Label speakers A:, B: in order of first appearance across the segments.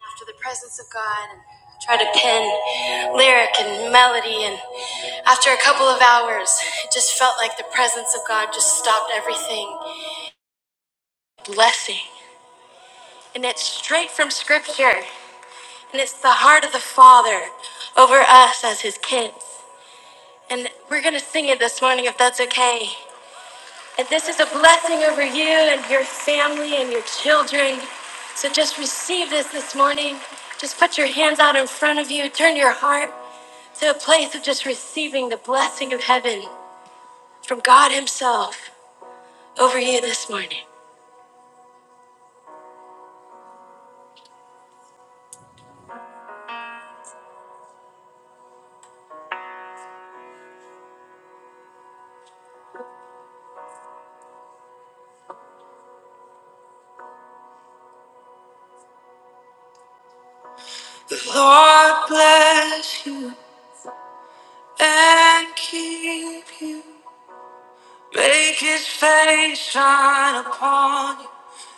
A: after the presence of God and try to pin lyric and melody. And after a couple of hours, it just felt like the presence of God just stopped everything. Blessing. And it's straight from Scripture. And it's the heart of the Father over us as His kids. And we're going to sing it this morning if that's okay. And this is a blessing over you and your family and your children. So just receive this this morning. Just put your hands out in front of you. Turn your heart to a place of just receiving the blessing of heaven from God Himself over you this morning. The Lord bless you. and keep you. Make his face shine upon you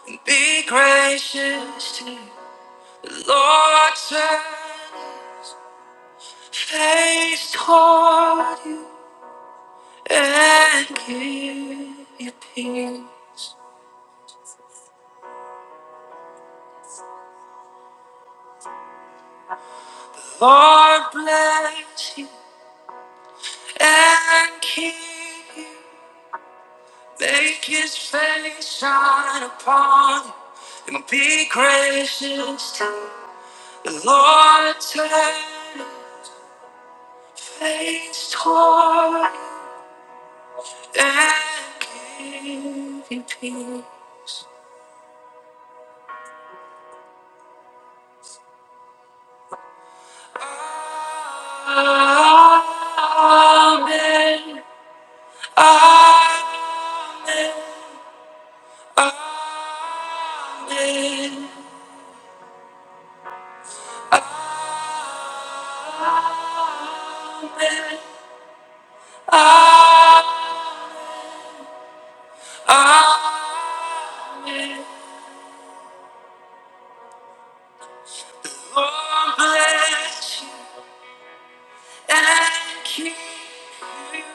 A: and be gracious to you. The Lord turn his face toward you and give you peace. The Lord bless you and keep you. Make his face shine upon you and be gracious to you. Lord, turn your face toward you and give me peace. Amen. Amen. Amen. Amen. Amen. Amen. Lord, bless you. and keep you.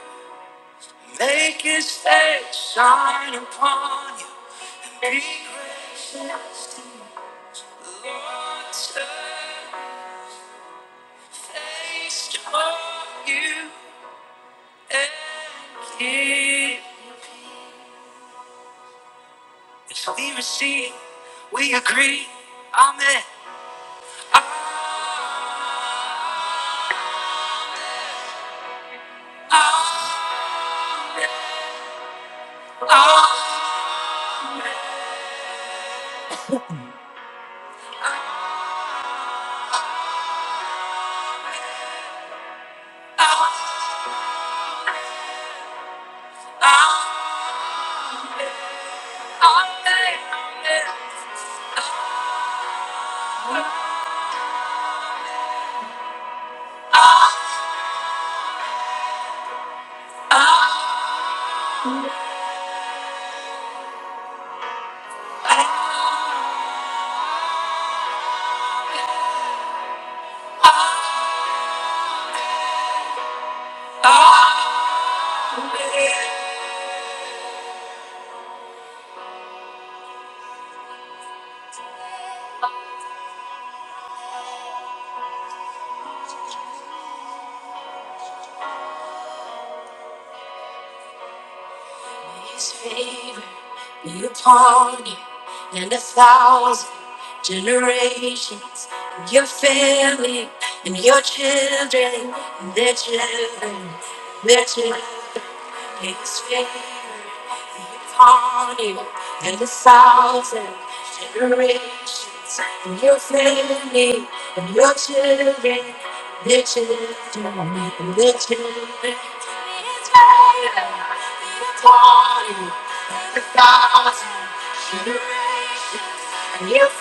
A: Make his face shine upon you. and Be gracious to you. Lord, turn his face toward you and keep. As we receive, we agree. Amen. Amen. Amen. Amen. Amen. Your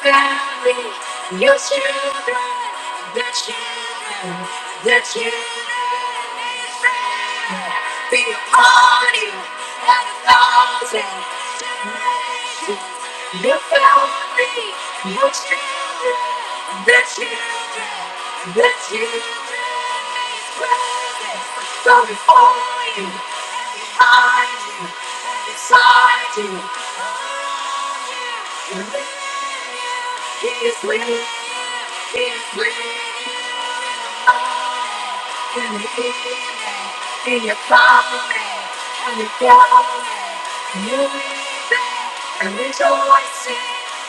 A: family, your children, the children, the children be upon you and a thousand. Your family, your children, the children, the children. His presence. So before you, behind you, inside you. He is real. He is real. I can hear him. In your calling and he's calling. You is there and rejoicing.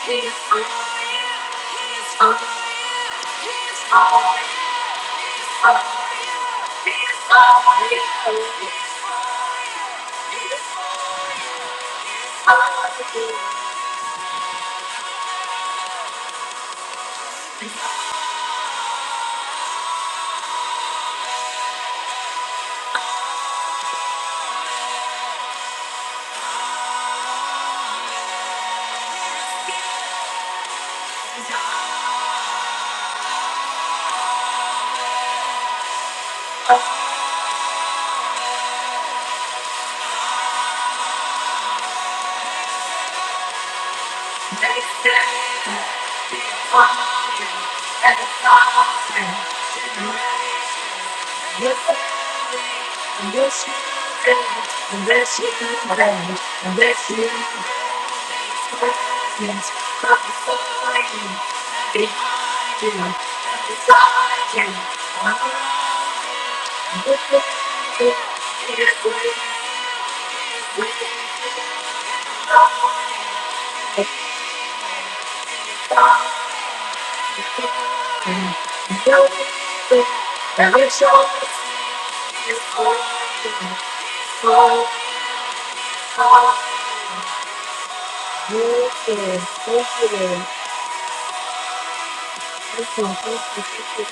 A: He is on. He is on. He's on. He's on. He is on. He is on. He is on. He is on. He's on. Next day, your family and your children and their children and their children. Yes, i before you, behind you, and beside you. I'm looking for it's with you, it's with you. You're with you, and it's all it's for you. So far, you can, you can, you can, you can, you can,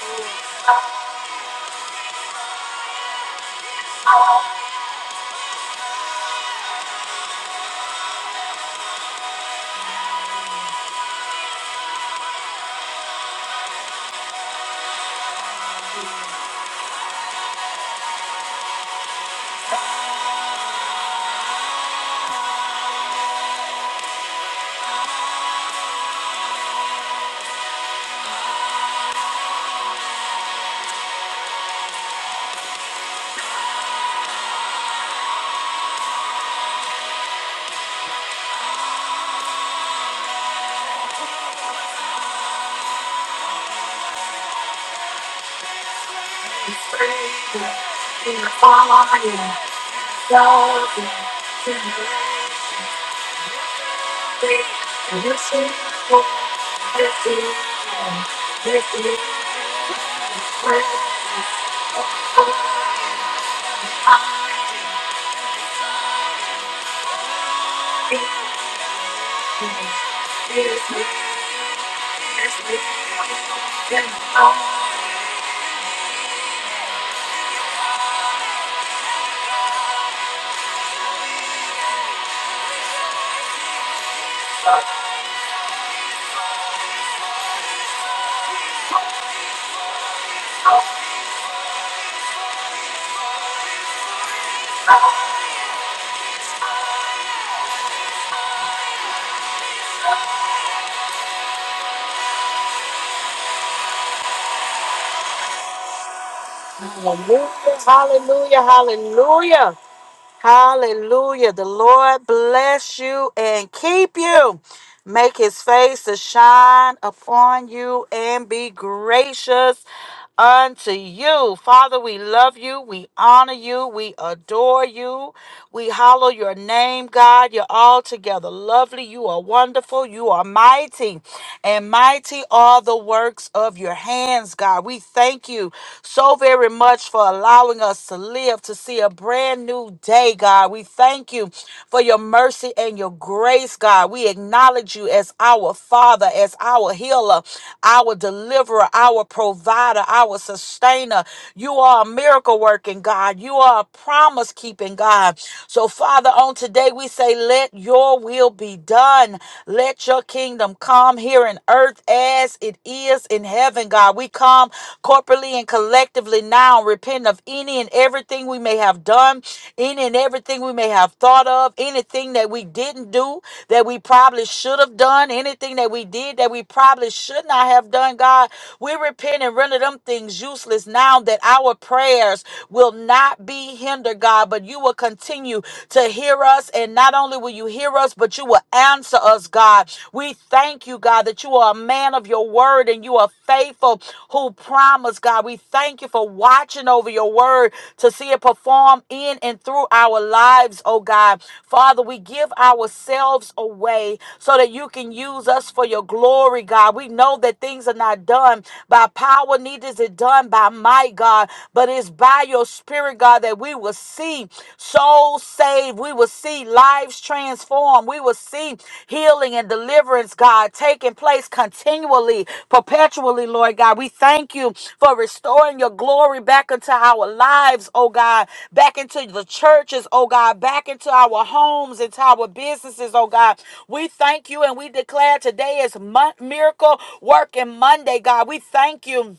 A: it's crazy. In the fire, thousand generations. Hallelujah, hallelujah, hallelujah. Hallelujah. The Lord bless you and keep you. Make his face to shine upon you and be gracious unto you. Father, we love you. We honor you. We adore you. We hallow your name, God. You're altogether lovely. You are wonderful. You are mighty. And mighty are the works of your hands, God. We thank you so very much for allowing us to live to see a brand new day, God. We thank you for your mercy and your grace, God. We acknowledge you as our Father, as our healer, our deliverer, our provider, our sustainer. You are a miracle working God. You are a promise keeping God. So, Father, on today we say, let your will be done. Let your kingdom come here in earth earth as it is in heaven, God. We come corporately and collectively now repent of any and everything we may have done, any and everything we may have thought of, anything that we didn't do that we probably should have done, anything that we did that we probably should not have done, God. We repent and render them things useless now that our prayers will not be hindered, God, but you will continue to hear us. And not only will you hear hear us, but you will answer us, God. We thank you, God, that you are a man of your word and you are faithful who promise, God. We thank you for watching over your word to see it perform in and through our lives, oh God. Father, we give ourselves away so that you can use us for your glory, God. We know that things are not done by power, neither is it done by might, God, but it's by your spirit, God, that that we will see souls saved. We will see lives transformed. We will see healing and deliverance, God, taking place continually, perpetually, Lord God. We thank you for restoring your glory back into our lives, oh God, back into the churches, oh God, back into our homes, into our businesses, oh God. We thank you and we declare today is Mon- miracle working Monday, God. We thank you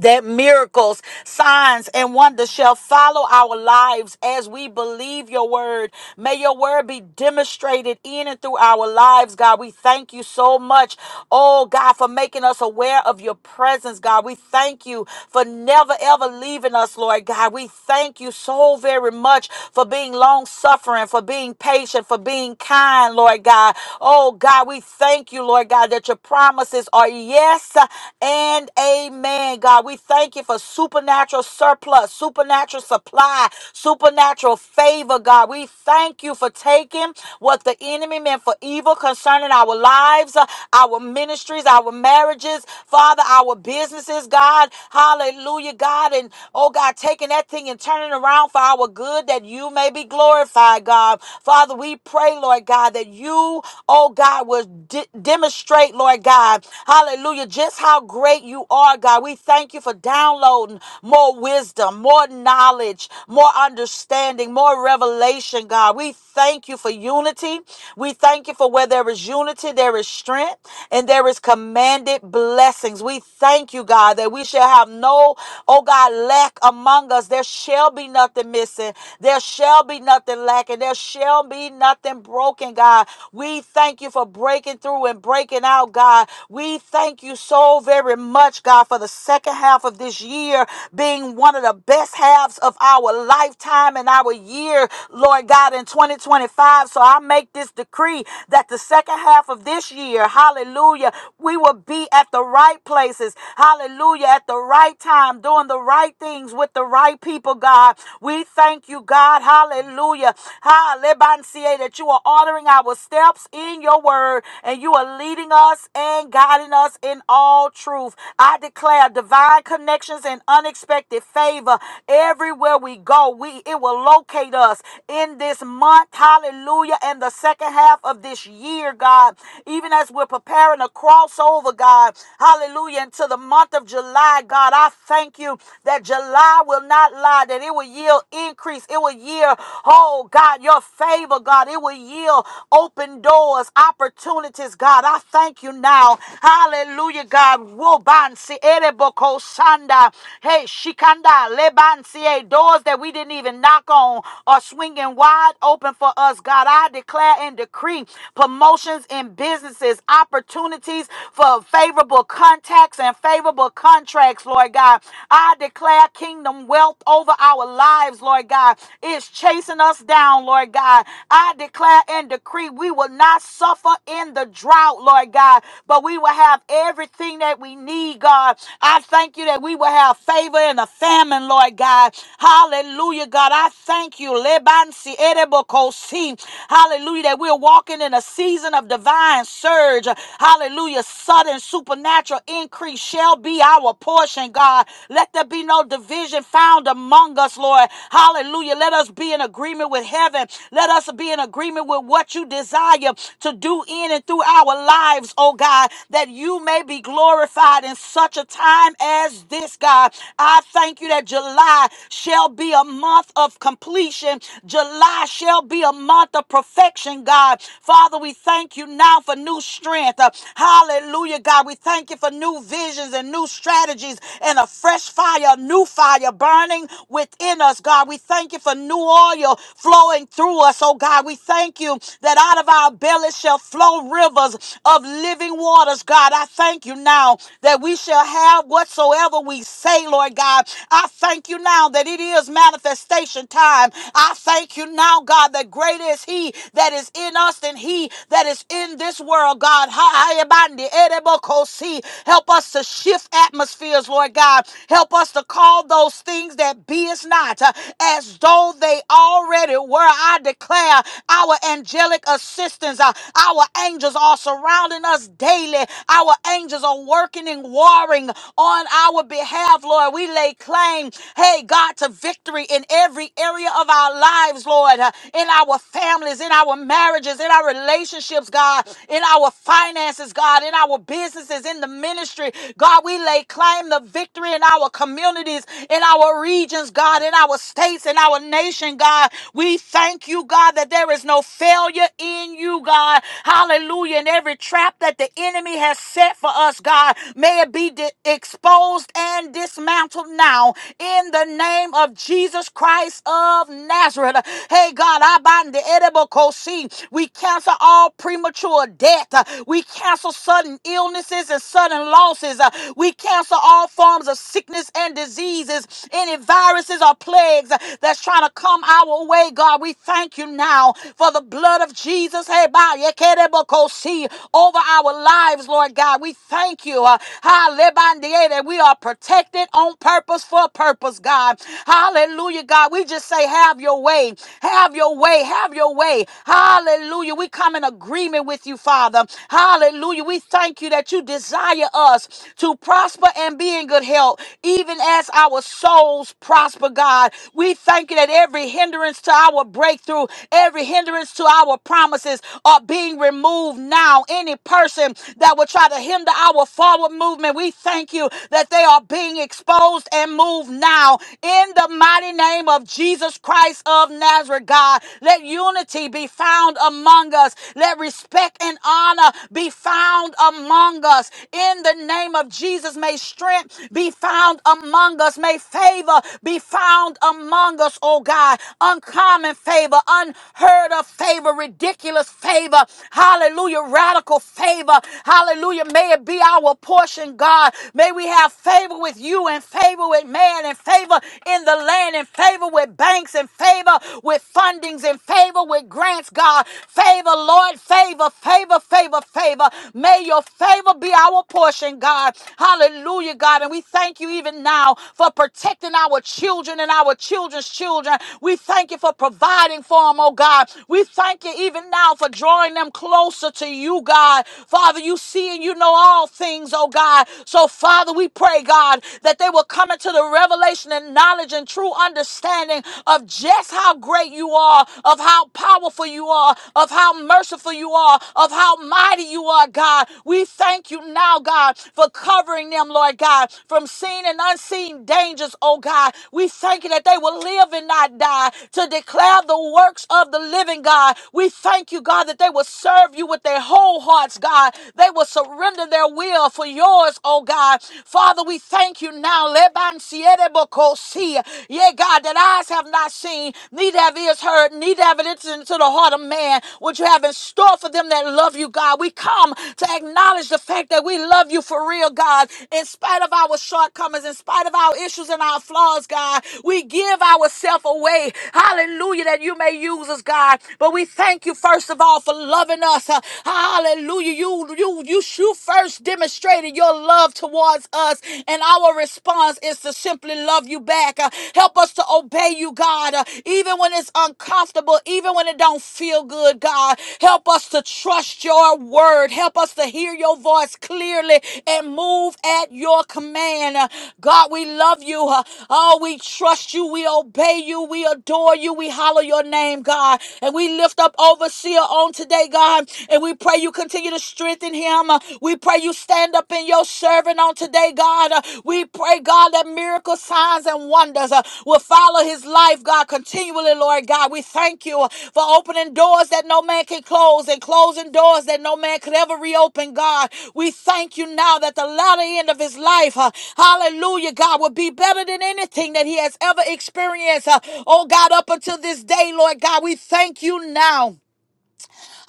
A: that miracles, signs, and wonders shall follow our lives as we believe your word. May your word be demonstrated in and through our lives, God. We thank you so much, oh God, for making us aware of your presence, God. We thank you for never ever leaving us, Lord God. We thank you so very much for being long suffering, for being patient, for being kind, Lord God. Oh God, we thank you, Lord God, that your promises are yes and amen saying, God. We thank you for supernatural surplus, supernatural supply, supernatural favor, God. We thank you for taking what the enemy meant for evil concerning our lives, uh, our ministries, our marriages, Father, our businesses, God. Hallelujah, God. And oh, God, taking that thing and turning it around for our good that you may be glorified, God. Father, we pray, Lord God, that you, oh, God, will de- demonstrate, Lord God, hallelujah, just how great you are, God. Lord God, we thank you for downloading more wisdom, more knowledge, more understanding, more revelation, God. We thank you for unity. We thank you for where there is unity, there is strength, and there is commanded blessings. We thank you, God, that we shall have no, oh God, lack among us. There shall be nothing missing. There shall be nothing lacking. There shall be nothing broken, God. We thank you for breaking through and breaking out, God. We thank you so very much much, God, for the second half of this year being one of the best halves of our lifetime and our year, Lord God, in 2025. So I make this decree that the second half of this year, hallelujah, we will be at the right places, hallelujah, at the right time, doing the right things with the right people, God. We thank you, God, hallelujah, hallelujah, that you are ordering our steps in your word and you are leading us and guiding us in all truth truth. I declare divine connections and unexpected favor everywhere we go. We it will locate us in this month, hallelujah, and the second half of this year, God. Even as we're preparing a crossover, God, hallelujah, into the month of July, God, I thank you that July will not lie, that it will yield increase, it will yield, oh God, your favor, God, it will yield open doors, opportunities, God. I thank you now, hallelujah, God. Rubansi Ereboko Sanda. Hey, Shikanda Lebansi. eh, Doors that we didn't even knock on are swinging wide open for us, God. I declare and decree promotions in businesses, opportunities for favorable contacts and favorable contracts, Lord God. I declare kingdom wealth over our lives, Lord God. It's chasing us down, Lord God. I declare and decree we will not suffer in the drought, Lord God, but we will have every everything that we need, God. I thank you that we will have favor in the famine, Lord God. Hallelujah, God. I thank you. Lebansi erebokosi. Hallelujah, that we're walking in a season of divine surge. Hallelujah, sudden supernatural increase shall be our portion, God. Let there be no division found among us, Lord. Hallelujah. Let us be in agreement with heaven. Let us be in agreement with what you desire to do in and through our lives, oh God, that you you may be glorified in such a time as this, God. I thank you that July shall be a month of completion. July shall be a month of perfection, God. Father, we thank you now for new strength. Uh, Hallelujah, God. We thank you for new visions and new strategies and a fresh fire, a new fire burning within us, God. We thank you for new oil flowing through us, oh God. We thank you that out of our bellies shall flow rivers of living waters, God. God, I thank you now that we shall have whatsoever we say, Lord God. I thank you now that it is manifestation time. I thank you now, God, that greater is He that is in us than He that is in this world, God. Ha- ha- ebandi, edebokosi. Help us to shift atmospheres, Lord God. Help us to call those things that be is not uh, as though they already were. I declare our angelic assistance, uh, our angels are surrounding us daily daily. Our angels are working and warring on our behalf, Lord. We lay claim, hey, God, to victory in every area of our lives, Lord, uh, in our families, in our marriages, in our relationships, God, in our finances, God, in our businesses, in the ministry. God, we lay claim the victory in our communities, in our regions, God, in our states, in our nation, God. We thank you, God, that there is no failure in you, God. Hallelujah. In every trap that that the enemy has set for us, God, may it be di- exposed and dismantled now in the name of Jesus Christ of Nazareth. Hey, God, I bind the edible see We cancel all premature death. Uh, We cancel sudden illnesses and sudden losses. Uh, We cancel all forms of sickness and diseases, any viruses or plagues uh, that's trying to come our way, God. We thank you now for the blood of Jesus. Hey, by your see, over our lives, Lord God. We thank you, uh, hallelujah, that we are protected on purpose for a purpose, God. Hallelujah, God. We just say, have your way, have your way, have your way. Hallelujah. We come in agreement with you, Father. Hallelujah. We thank you that you desire us to prosper and be in good health, even as our souls prosper, God. We thank you that every hindrance to our breakthrough, every hindrance to our promises are being removed now down any person that would try to hinder our forward movement. We thank you that they are being exposed and moved now in the mighty name of Jesus Christ of Nazareth, God. Let unity be found among us. Let respect and honor be found among us. In the name of Jesus, may strength be found among us. May favor be found among us, oh God. Uncommon favor, unheard of favor, ridiculous favor. Hallelujah. Hallelujah. Radical favor. Hallelujah. May it be our portion, God. May we have favor with you and favor with man and favor in the land and favor with banks and favor with fundings and favor with grants, God. Favor, Lord. Favor, favor, favor, favor. May your favor be our portion, God. Hallelujah, God. And we thank you even now for protecting our children and our children's children. We thank you for providing for them, oh God. We thank you even now for drawing them close closer to you, God. Father, you see and you know all things, oh God. So, Father, we pray, God, that they will come into the revelation and knowledge and true understanding of just how great you are, of how powerful you are, of how merciful you are, of how mighty you are, God. We thank you now, God, for covering them, Lord God, from seen and unseen dangers, oh God. We thank you that they will live and not die to declare the works of the living God. We thank you, God, that they will will serve you with their whole hearts, God. They will surrender their will for yours, oh God. Father, we thank you now. Leban siete bokosi. Yeah, God, that eyes have not seen, neither have ears heard, neither have it entered into the heart of man. What you have in store for them that love you, God. We come to acknowledge the fact that we love you for real, God. In spite of our shortcomings, in spite of our issues and our flaws, God, we give ourselves away. Hallelujah, that you may use us, God. But we thank you first of all all for loving us. Uh, Hallelujah. You, you, you, you first demonstrated your love towards us, and our response is to simply love you back. Uh, Help us to obey you, God, uh, even when it's uncomfortable, even when it don't feel good, God. Help us to trust your word. Help us to hear your voice clearly and move at your command. Uh, God, we love you. Uh, Oh, we trust you. We obey you. We adore you. We holler your name, God. And we lift up overseers. Overseer on today, God. And we pray you continue to strengthen him. Uh, We pray you stand up in your servant on today, God. Uh, We pray, God, that miracle signs and wonders uh, will follow his life, God, continually, Lord God. We thank you uh, for opening doors that no man can close and closing doors that no man could ever reopen, God. We thank you now that the latter end of his life, uh, hallelujah, God, will be better than anything that he has ever experienced. uh, Oh, God, up until this day, Lord God, we thank you now.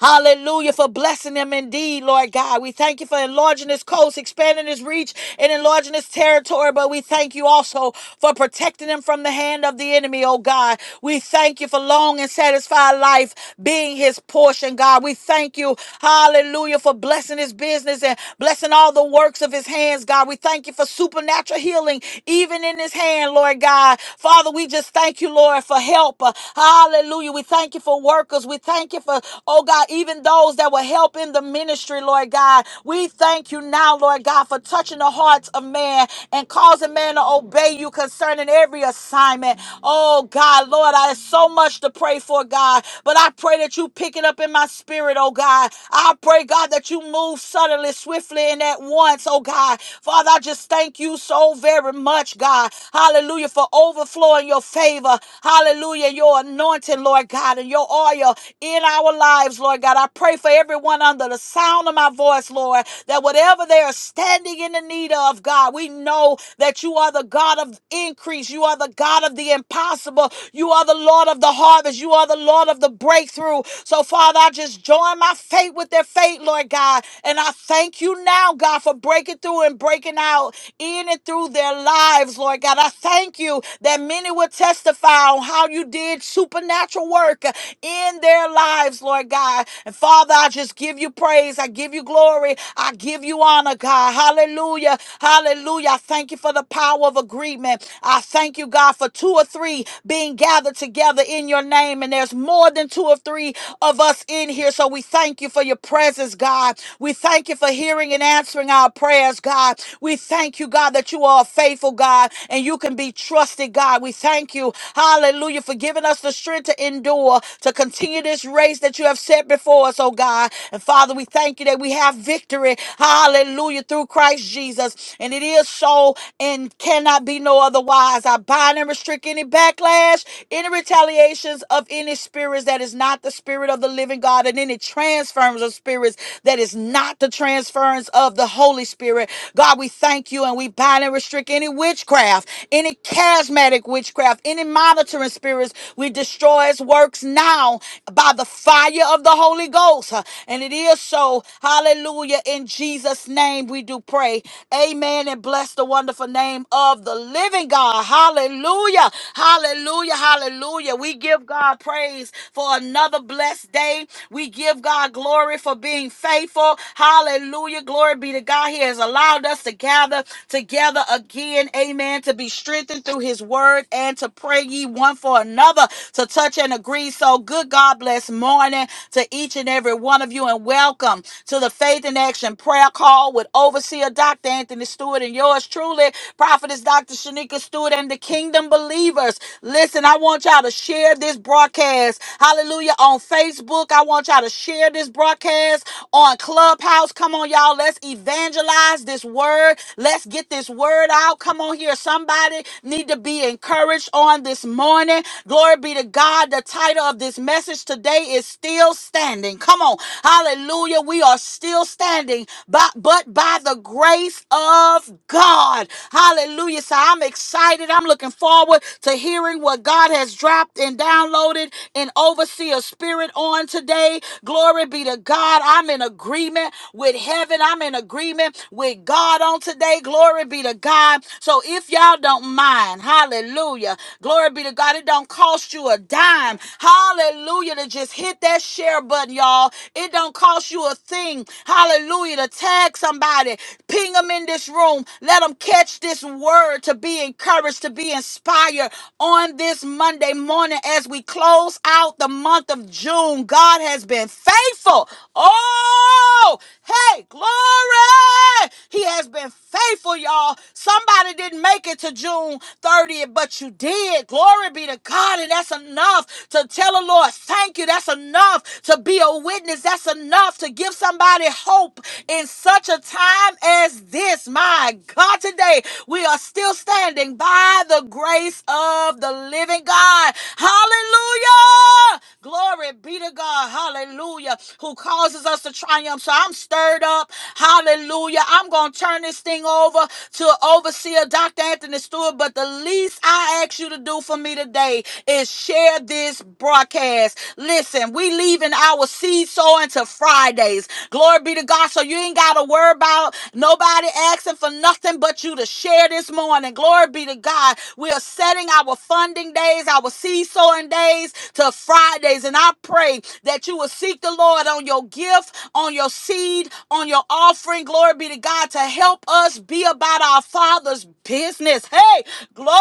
A: Hallelujah for blessing them indeed, Lord God. We thank you for enlarging this coast, expanding this reach, and enlarging this territory. But we thank you also for protecting them from the hand of the enemy, oh God. We thank you for long and satisfied life being his portion, God. We thank you, hallelujah, for blessing his business and blessing all the works of his hands, God. We thank you for supernatural healing, even in his hand, Lord God. Father, we just thank you, Lord, for help. Hallelujah. We thank you for workers. We thank you for, oh God, even those that will help in the ministry, Lord God. We thank you now, Lord God, for touching the hearts of man and causing man to obey you concerning every assignment. Oh God, Lord, I have so much to pray for, God, but I pray that you pick it up in my spirit, oh God. I pray, God, that you move suddenly, swiftly, and at once, oh God. Father, I just thank you so very much, God. Hallelujah, for overflowing your favor. Hallelujah, your anointing, Lord God. God, and your oil in our lives, Lord God. I pray for everyone under the sound of my voice, Lord, that whatever they are standing in the need of, God, we know that you are the God of increase. You are the God of the impossible. You are the Lord of the harvest. You are the Lord of the breakthrough. So, Father, I just join my faith with their faith, Lord God. And I thank you now, God, for breaking through and breaking out in and through their lives, Lord God. I thank you that many will testify on how you did did supernatural work in their lives, Lord God. And Father, I just give you praise. I give you glory. I give you honor, God. Hallelujah. Hallelujah. I thank you for the power of agreement. I thank you, God, for two or three being gathered together in your name. And there's more than two or three of us in here. So we thank you for your presence, God. We thank you for hearing and answering our prayers, God. We thank you, God, that you are a faithful God and you can be trusted, God. We thank you you. Hallelujah. For giving us the strength to endure, to continue this race that you have set before us, oh God. And Father, we thank you that we have victory. Hallelujah. Through Christ Jesus. And it is so and cannot be no otherwise. I bind and restrict any backlash, any retaliations of any spirits that is not the spirit of the living God, and any transference of spirits that is not the transference of the Holy Spirit. God, we thank you and we bind and restrict any witchcraft, any Charismatic witchcraft, any monitoring spirits, we destroy its works now by the fire of the Holy Ghost. Uh, And it is so. Hallelujah. In Jesus' name we do pray. Amen. And bless the wonderful name of the living God. Hallelujah. Hallelujah. Hallelujah. We give God praise for another blessed day. We give God glory for being faithful. Hallelujah. Glory be to God. He has allowed us to gather together again. Amen Amen. To be strengthened through his word and to pray ye one for another to touch and agree. So good God bless morning to each and every one of you and welcome to the Faith in Action prayer call with overseer Dr. Anthony Stewart and yours truly, prophetess Dr. Shanika Stewart and the kingdom believers. Listen, I want y'all to share this broadcast. Hallelujah. On Facebook, I want y'all to share this broadcast on Clubhouse. Come on, y'all. Let's evangelize this word. Let's get this this word out. Come on here. Somebody need to be encouraged on this morning. Glory be to God. The title of this message today is Still Standing. Come on. Hallelujah. We are still standing, but, but by the grace of God. Hallelujah. So I'm excited. I'm looking forward to hearing what God has dropped and downloaded and overseer spirit on today. Glory be to God. I'm in agreement with heaven. I'm in agreement with God God on today. Glory be to God. So if y'all don't mind, hallelujah. Glory be to God. It don't cost you a dime. Hallelujah. To just hit that share button, y'all. It don't cost you a thing. Hallelujah. To tag somebody, ping them in this room. Let them catch this word to be encouraged, to be inspired on this Monday morning as we close out the month of June. God has been faithful. Oh, hey, glory. Hey, He has been faithful, y'all. Somebody didn't make it to June 30th, but you did. Glory be to God. And that's enough to tell the Lord, thank you. That's enough to be a witness. That's enough to give somebody hope in such a time as this. My God, today we are still standing by the grace of the living God. Hallelujah. Glory be to God. Hallelujah. Who causes us to triumph. So I'm standing stirred up. Hallelujah. I'm going to turn this thing over to overseer Dr. Anthony Stewart, but the least I ask you to do for me today is share this broadcast. Listen, we leaving our seed sowing to Fridays. Glory be to God. So you ain't got to worry about nobody asking for nothing but you to share this morning. Glory be to God. We are setting our funding days, our seed sowing days to Fridays. And I pray that you will seek the Lord on your gift gift, on your seed, on your offering. Glory be to God to help us be about our Father's business. Hey, glory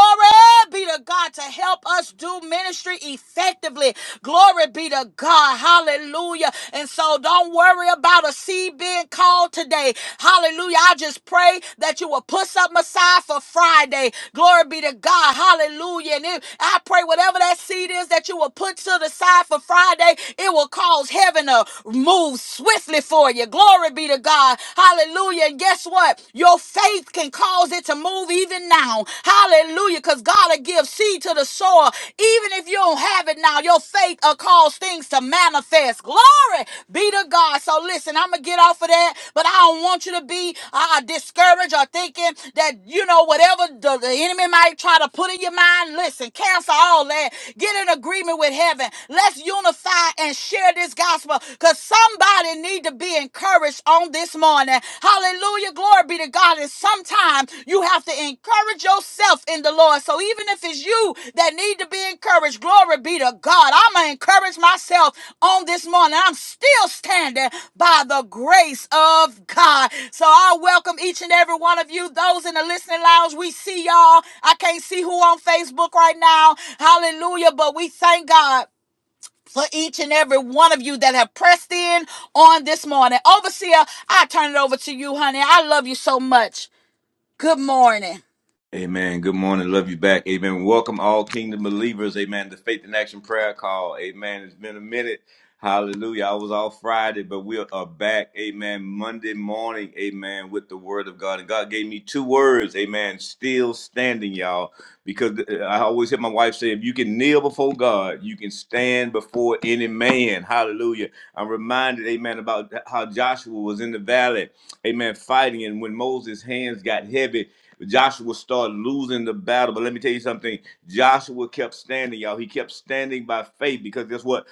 A: be to God to help us do ministry effectively. Glory be to God. Hallelujah. And so don't worry about a seed being called today. Hallelujah. I just pray that you will put something aside for Friday. Glory be to God. Hallelujah. And if, I pray whatever that seed is that you will put to the side for Friday, it will cause heaven heaven to move swiftly for you. Glory be to God. Hallelujah. And guess what? Your faith can cause it to move even now. Hallelujah. Because God will give seed to the soil. Even if you don't have it now, your faith will cause things to manifest. Glory be to God. So listen, I'm going to get off of that, but I don't want you to be uh, uh, discouraged or thinking that, you know, whatever the, the enemy might try to put in your mind, listen, cancel all that. Get in agreement with heaven. Let's unify try and share this gospel because somebody need to be encouraged on this morning. Hallelujah. Glory be to God. And sometimes you have to encourage yourself in the Lord. So even if it's you that need to be encouraged, glory be to God. I'm going to encourage myself on this morning. I'm still standing by the grace of God. So I welcome each and every one of you. Those in the listening lounge, we see y'all. I can't see who on Facebook right now. Hallelujah. But we thank God for each and every one of you that have pressed in on this morning. Overseer, I turn it over to you, honey. I love you so much. Good morning.
B: Amen. Good morning. Love you back. Amen. Welcome all kingdom believers. Amen. The Faith in Action Prayer Call. Amen. It's been a minute. Hallelujah. I was off Friday, but we are back. Amen. Monday morning. Amen. With the word of God. And God gave me two words. Amen. Still standing, y'all. Because uh, I always hear my wife say, if you can kneel before God, you can stand before any man. Hallelujah. I'm reminded, amen, about how Joshua was in the valley. Amen. Fighting. And when Moses' hands got heavy, Joshua started losing the battle. But let me tell you something. Joshua kept standing, y'all. He kept standing by faith because guess what?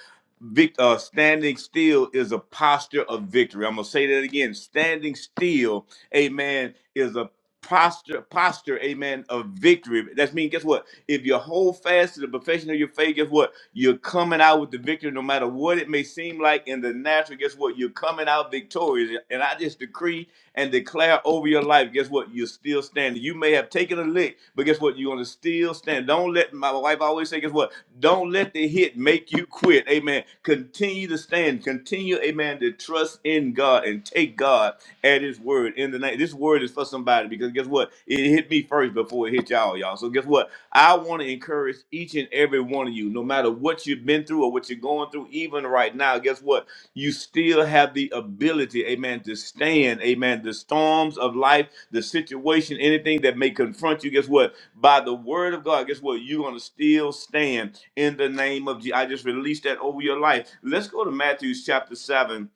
B: Vic, uh, standing still is a posture of victory. I'm gonna say that again. Standing still, amen, is a posture, posture, amen, of victory. That means guess what? If you hold fast to the profession of your faith, guess what? You're coming out with the victory, no matter what it may seem like in the natural. Guess what? You're coming out victorious. And I just decree and declare over your life. Guess what? You're still standing. You may have taken a lick, but guess what? You're gonna still stand. Don't let my wife always say, guess what? Don't let the hit make you quit. Amen. Continue to stand. Continue, amen, to trust in God and take God at His word. In the name, this word is for somebody because guess what? It hit me first before it hit y'all, y'all. So guess what? I want to encourage each and every one of you, no matter what you've been through or what you're going through, even right now. Guess what? You still have the ability, amen, to stand, amen. The storms of life, the situation, anything that may confront you. Guess what? by the word of God, guess what? You're going to still stand in the name of Jesus. I just released that over your life. Let's go to Matthew chapter 7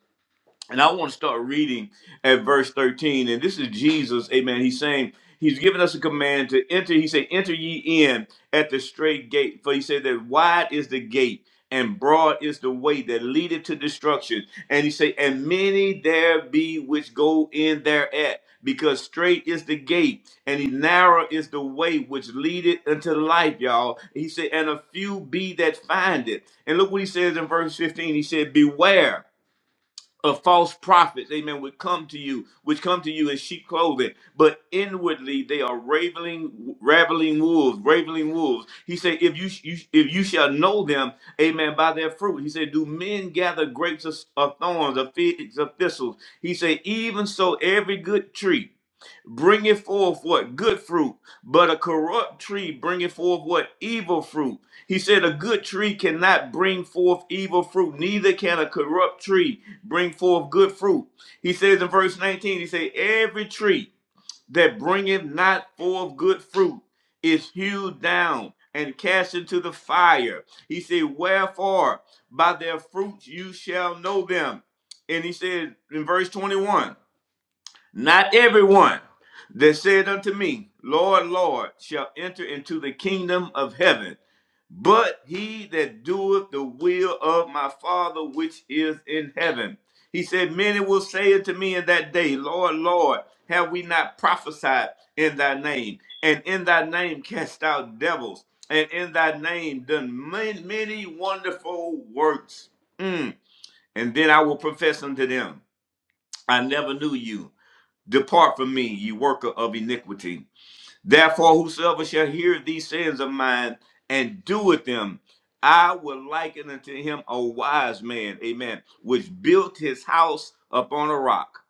B: and I want to start reading at verse 13. And this is Jesus, amen. He's saying, He's given us a command to enter. He said, Enter ye in at the straight gate. For he said that wide is the gate and broad is the way that leadeth to destruction. And he said, And many there be which go in thereat. Because straight is the gate, and narrow is the way which leadeth unto life, y'all. He said, and a few be that find it. And look what he says in verse 15. He said, Beware of false prophets, amen, would come to you, which come to you in sheep clothing, but inwardly they are raveling, raveling wolves, raveling wolves. He said, if you, you if you shall know them, amen, by their fruit. He said, do men gather grapes of, of thorns, of figs, of thistles? He said, even so, every good tree bringeth forth what good fruit, but a corrupt tree bringeth forth what evil fruit. He said, A good tree cannot bring forth evil fruit, neither can a corrupt tree bring forth good fruit. He says in verse 19, He said, Every tree that bringeth not forth good fruit is hewed down and cast into the fire. He said, Wherefore by their fruits you shall know them. And he said in verse 21, not everyone that said unto me, Lord, Lord, shall enter into the kingdom of heaven, but he that doeth the will of my Father which is in heaven. He said, Many will say unto me in that day, Lord, Lord, have we not prophesied in thy name? And in thy name cast out devils, and in thy name done many, many wonderful works. Mm. And then I will profess unto them, I never knew you. Depart from me, ye worker of iniquity. Therefore, whosoever shall hear these sayings of mine and doeth them, I will liken unto him a wise man, amen, which built his house upon a rock.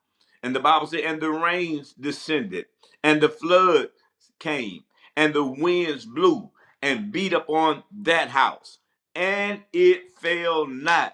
B: And the Bible said, and the rains descended, and the flood came, and the winds blew and beat upon that house, and it fell not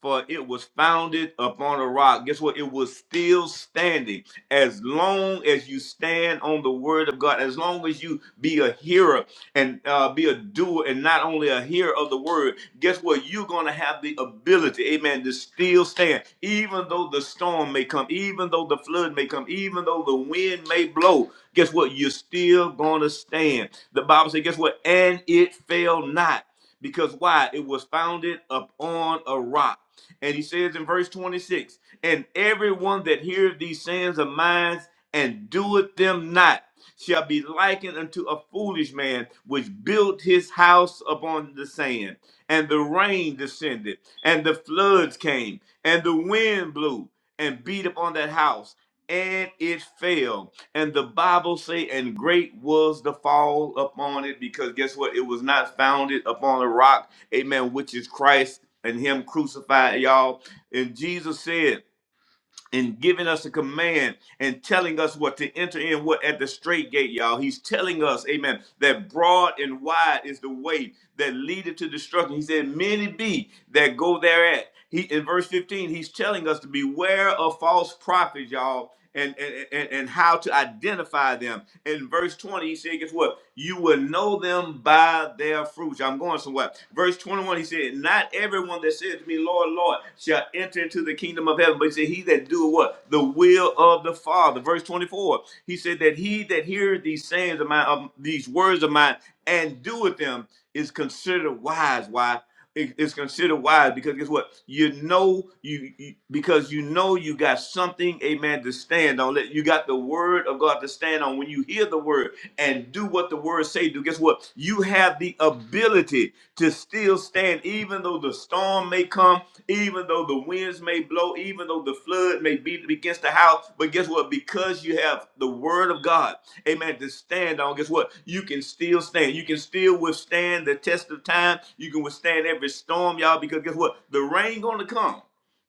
B: for it was founded upon a rock. Guess what? It was still standing. As long as you stand on the word of God, as long as you be a hearer and uh, be a doer and not only a hearer of the word, guess what? You're going to have the ability, amen, to still stand. Even though the storm may come, even though the flood may come, even though the wind may blow, guess what? You're still going to stand. The Bible says, guess what? And it fell not because why it was founded upon a rock and he says in verse 26, and everyone that heareth these sayings of mine and doeth them not shall be likened unto a foolish man which built his house upon the sand. And the rain descended, and the floods came, and the wind blew and beat upon that house, and it fell. And the Bible say, and great was the fall upon it, because guess what? It was not founded upon a rock amen, which is Christ and Him crucified, y'all. And Jesus said, and giving us a command and telling us what to enter in, what at the straight gate, y'all. He's telling us, amen, that broad and wide is the way that leadeth to destruction. He said, Many be that go thereat. He in verse 15, he's telling us to beware of false prophets, y'all. And, and, and, and how to identify them. In verse 20, he said, guess what? you will know them by their fruits. I'm going somewhere. Verse 21, he said, Not everyone that says to me, Lord, Lord, shall enter into the kingdom of heaven, but he said, He that doeth what? The will of the Father. Verse 24, he said that he that heareth these sayings of mine, of these words of mine, and doeth them is considered wise. Why? it- it's considered wise because guess what? You know you, you because you know you got something, amen, to stand on. Let- You got the word of God to stand on. When you hear the word and do what the word say, do guess what? You have the ability to still stand, even though the storm may may come, even though the winds may blow, even though the flood may beat against the house. But guess what? Because you have the word of God, amen, to stand on, guess what? You can still stand. You can still withstand the test of time. You can withstand every storm, y'all, because guess what? The rain gonna come.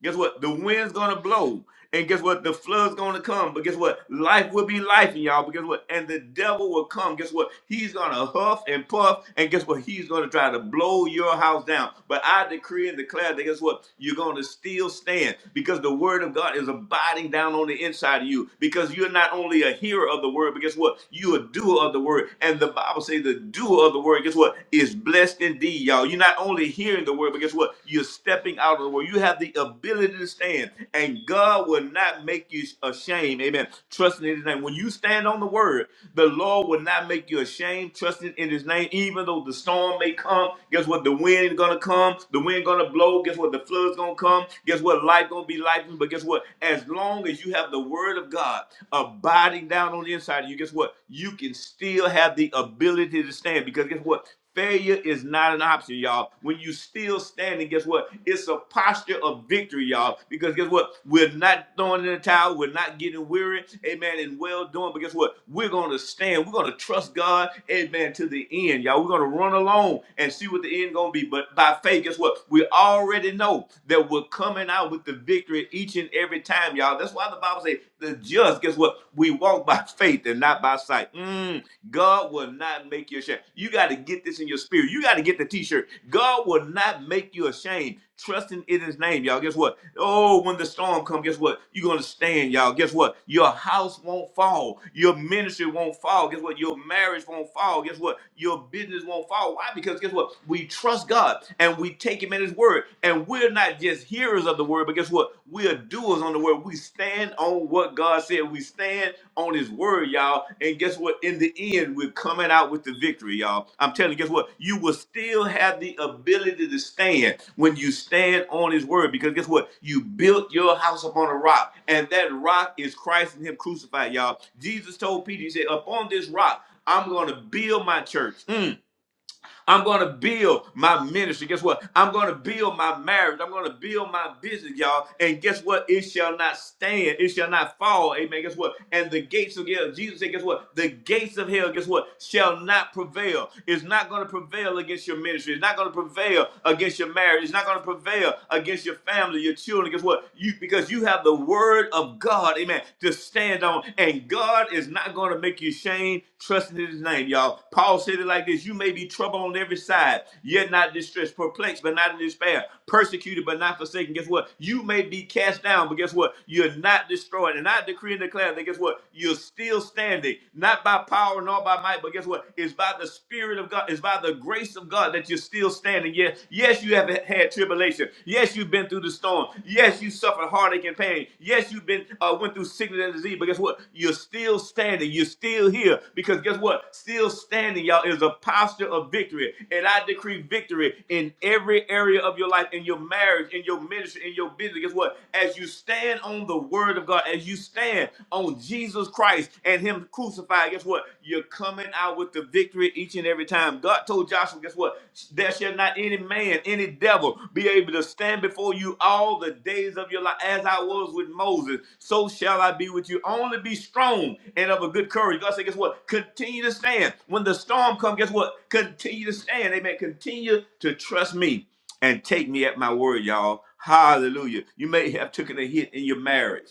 B: Guess what? The wind's gonna blow, and guess what? The flood's gonna come. But guess what? Life will be life, in y'all. But guess what? And the devil will come. Guess what? He's gonna huff and puff, and guess what? He's gonna try to blow your house down. But I decree and declare that guess what? You're gonna still stand because the word of God is abiding down on the inside of you. Because you're not only a hearer of the word, but guess what? You a doer of the word. And the Bible says the doer of the word, guess what? Is blessed indeed, y'all. You're not only hearing the word world, but guess what? You're stepping out of the world. You have the ability to stand, and God will not make you ashamed. Amen. Trusting in His name. When you stand on the word, the Lord will not make you ashamed, trusting in his name, even though the storm may come. Guess what? The wind gonna come, the wind gonna blow, guess what? The flood's gonna come, guess what? Life gonna be life, but guess what? As long as you have the word of God abiding down on the inside of you, guess what? You can still have the ability to stand because guess what? Failure is not an option, y'all. When you still standing, guess what? It's a posture of victory, y'all. Because guess what? We're not throwing in the towel. We're not getting weary. Amen. And well doing. But guess what? We're gonna stand. We're gonna trust God. Amen. To the end, y'all. We're gonna run along and see what the end gonna be. But by faith, guess what? We already know that we're coming out with the victory each and every time, y'all. That's why the Bible says the just, guess what? We walk by faith and not by sight. Mm. God will not make you ashamed. You got to get this in your spirit. You got to get the t-shirt. God will not make you ashamed. Trusting in his name, y'all. Guess what? Oh, when the storm comes, guess what? You're gonna stand, y'all. Guess what? Your house won't fall. Your ministry won't fall. Guess what? Your marriage won't fall. Guess what? Your business won't fall. Why? Because guess what? We trust God and we take him at his word. And we're not just hearers hearers of the word, but guess what? We are doers on the word. We stand on what God said. We stand on his word, y'all. And guess what? In the end, we're coming out with the victory, y'all. I'm telling you, guess what? You will still have the ability to stand when you stand on his word. Because guess what? You built your house upon a rock, and that rock is Christ and him crucified, y'all. Jesus told Peter, he said, Upon this rock, I'm going to build my church. Mm. I'm going to build my ministry. Guess what? I'm going to build my marriage. I'm going to build my business, y'all. And guess what? It shall not stand. It shall not fall. Amen. Guess what? And the gates of hell, Jesus said, guess what? The gates of hell, guess what? Shall not prevail. It's not going to prevail against your ministry. It's not going to prevail against your marriage. It's not going to prevail against your family, your children. Guess what? You because you have the word of God, amen, to stand on and God is not going to make you ashamed. trusting in his name, y'all. Paul said it like this You may be troubled on every side, yet not distressed, perplexed, but not in despair, persecuted, but not forsaken. Guess what? You may be cast down, but guess what? You're not destroyed. And I decree and declare that guess what? You're still standing, not by power nor by might, but guess what? It's by the Spirit of God, it's by the grace of God that you're still standing. Yes, yes, you have had tribulation. Yes, you've been through the storm. Yes, you suffered heartache and pain. Yes, you've been uh, went through sickness and disease. But guess what? You're still standing. You're still here. Because guess what? Still standing, y'all, is a posture of victory. And I decree victory in every area of your life, in your marriage, in your ministry, in your business. Guess what? As you stand on the word of God, as you stand on Jesus Christ and Him crucified, guess what? You're coming out with the victory each and every time. God told Joshua, guess what? There shall not any man, any devil be able to stand before you all the days of your life. As I was with Moses, so shall I be with you. Only be strong and of a good courage. God said, guess what? Continue to stand. When the storm comes, guess what? Continue to stand. Amen. Continue to trust me and take me at my word, y'all. Hallelujah. You may have taken a hit in your marriage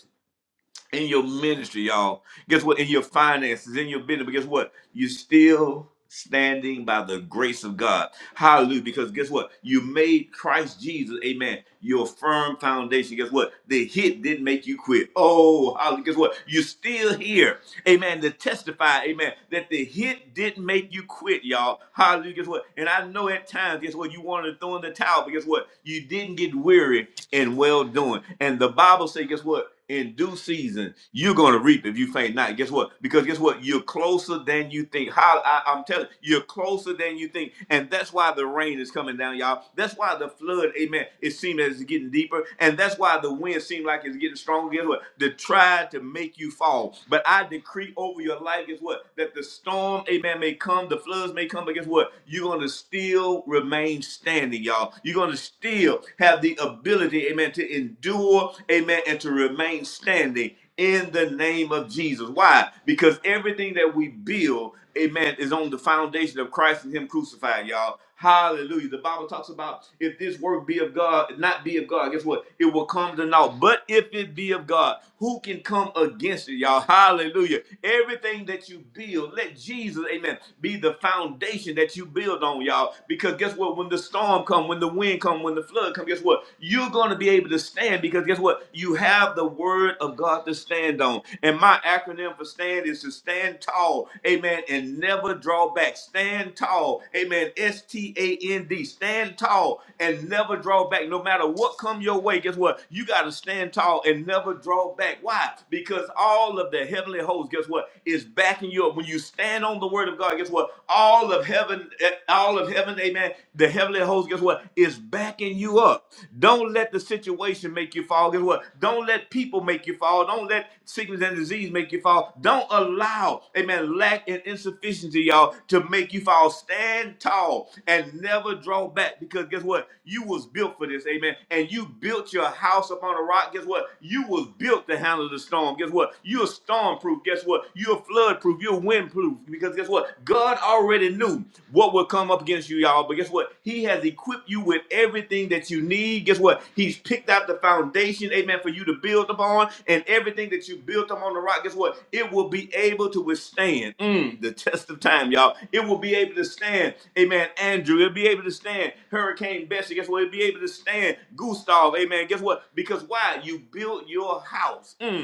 B: in your ministry, y'all. Guess what? In your finances, in your business. But guess what? You still standing by the grace of God. Hallelujah. Because guess what? You made Christ Jesus, amen, your firm foundation. Guess what? The hit didn't make you quit. Oh, hallelujah. Guess what? You're still here amen, to testify, amen, that the hit didn't make you quit, y'all. Hallelujah. Guess what? And I know at times, guess what? You wanted to throw in the towel, but guess what? You didn't get weary in well doing. And the Bible says, guess what? In due season, you're gonna reap if you faint not. Guess what? Because guess what? You're closer than you think. How I, I'm telling you, you're closer than you think, and that's why the rain is coming down, y'all. That's why the flood, amen. It seems as it's getting deeper, and that's why the wind seems like it's getting stronger. Guess what? To try to make you fall, but but I decree over your life, guess what? That the storm, amen, may come, the floods may come, but guess what? You're going to still remain standing, y'all. You're going to still have the ability, amen, to endure, amen, and to remain standing in the name of Jesus. Why? Because everything that we build, amen, is on the foundation of Christ and Him crucified, y'all. Hallelujah. The Bible talks about if this work be of God, not be of God, guess what? It will come to naught. But if it be of God, who can come against it, y'all? Hallelujah. Everything that you build, let Jesus, amen, be the foundation that you build on, y'all. Because guess what? When the storm come, when the wind come, when the flood come, guess what? You're going to be able to stand because guess what? You have the word of God to stand on. And my acronym for stand is to stand tall, amen, and never draw back. Stand tall, amen. S T A N D, stand tall and never draw back. No matter what come your way, guess what? You got to stand tall and never draw back. Why? Because all of the heavenly hosts, guess what, is backing you up. When you stand on the word of God, guess what? All of heaven, eh, all of heaven, amen. The heavenly hosts, guess what, is backing you up. Don't don't let the situation make you fall. Guess what? Don't let people make you fall. Don't let sickness and disease make you fall. Don't allow, amen, lack and insufficiency, y'all, to make you fall. Stand tall and never draw back because guess what? You was built for this, amen. And you built your house upon a rock. Guess what? You was built to handle the storm. Guess what? You're storm proof. Guess what? You're flood proof. You're wind proof because guess what? God already already knew what would come up against you, y'all. But guess what? He has equipped you with everything that you need. Guess what? He's picked out the foundation, amen, for you to build upon. And everything that you built up on the rock, guess what? It will be able to withstand mm, the test of time, y'all. It will be able to stand, amen, Andrew. It'll be able to stand Hurricane Bessie. Guess what? It'll be able to stand Gustav, amen. Guess what? Because why? You built your house. Mm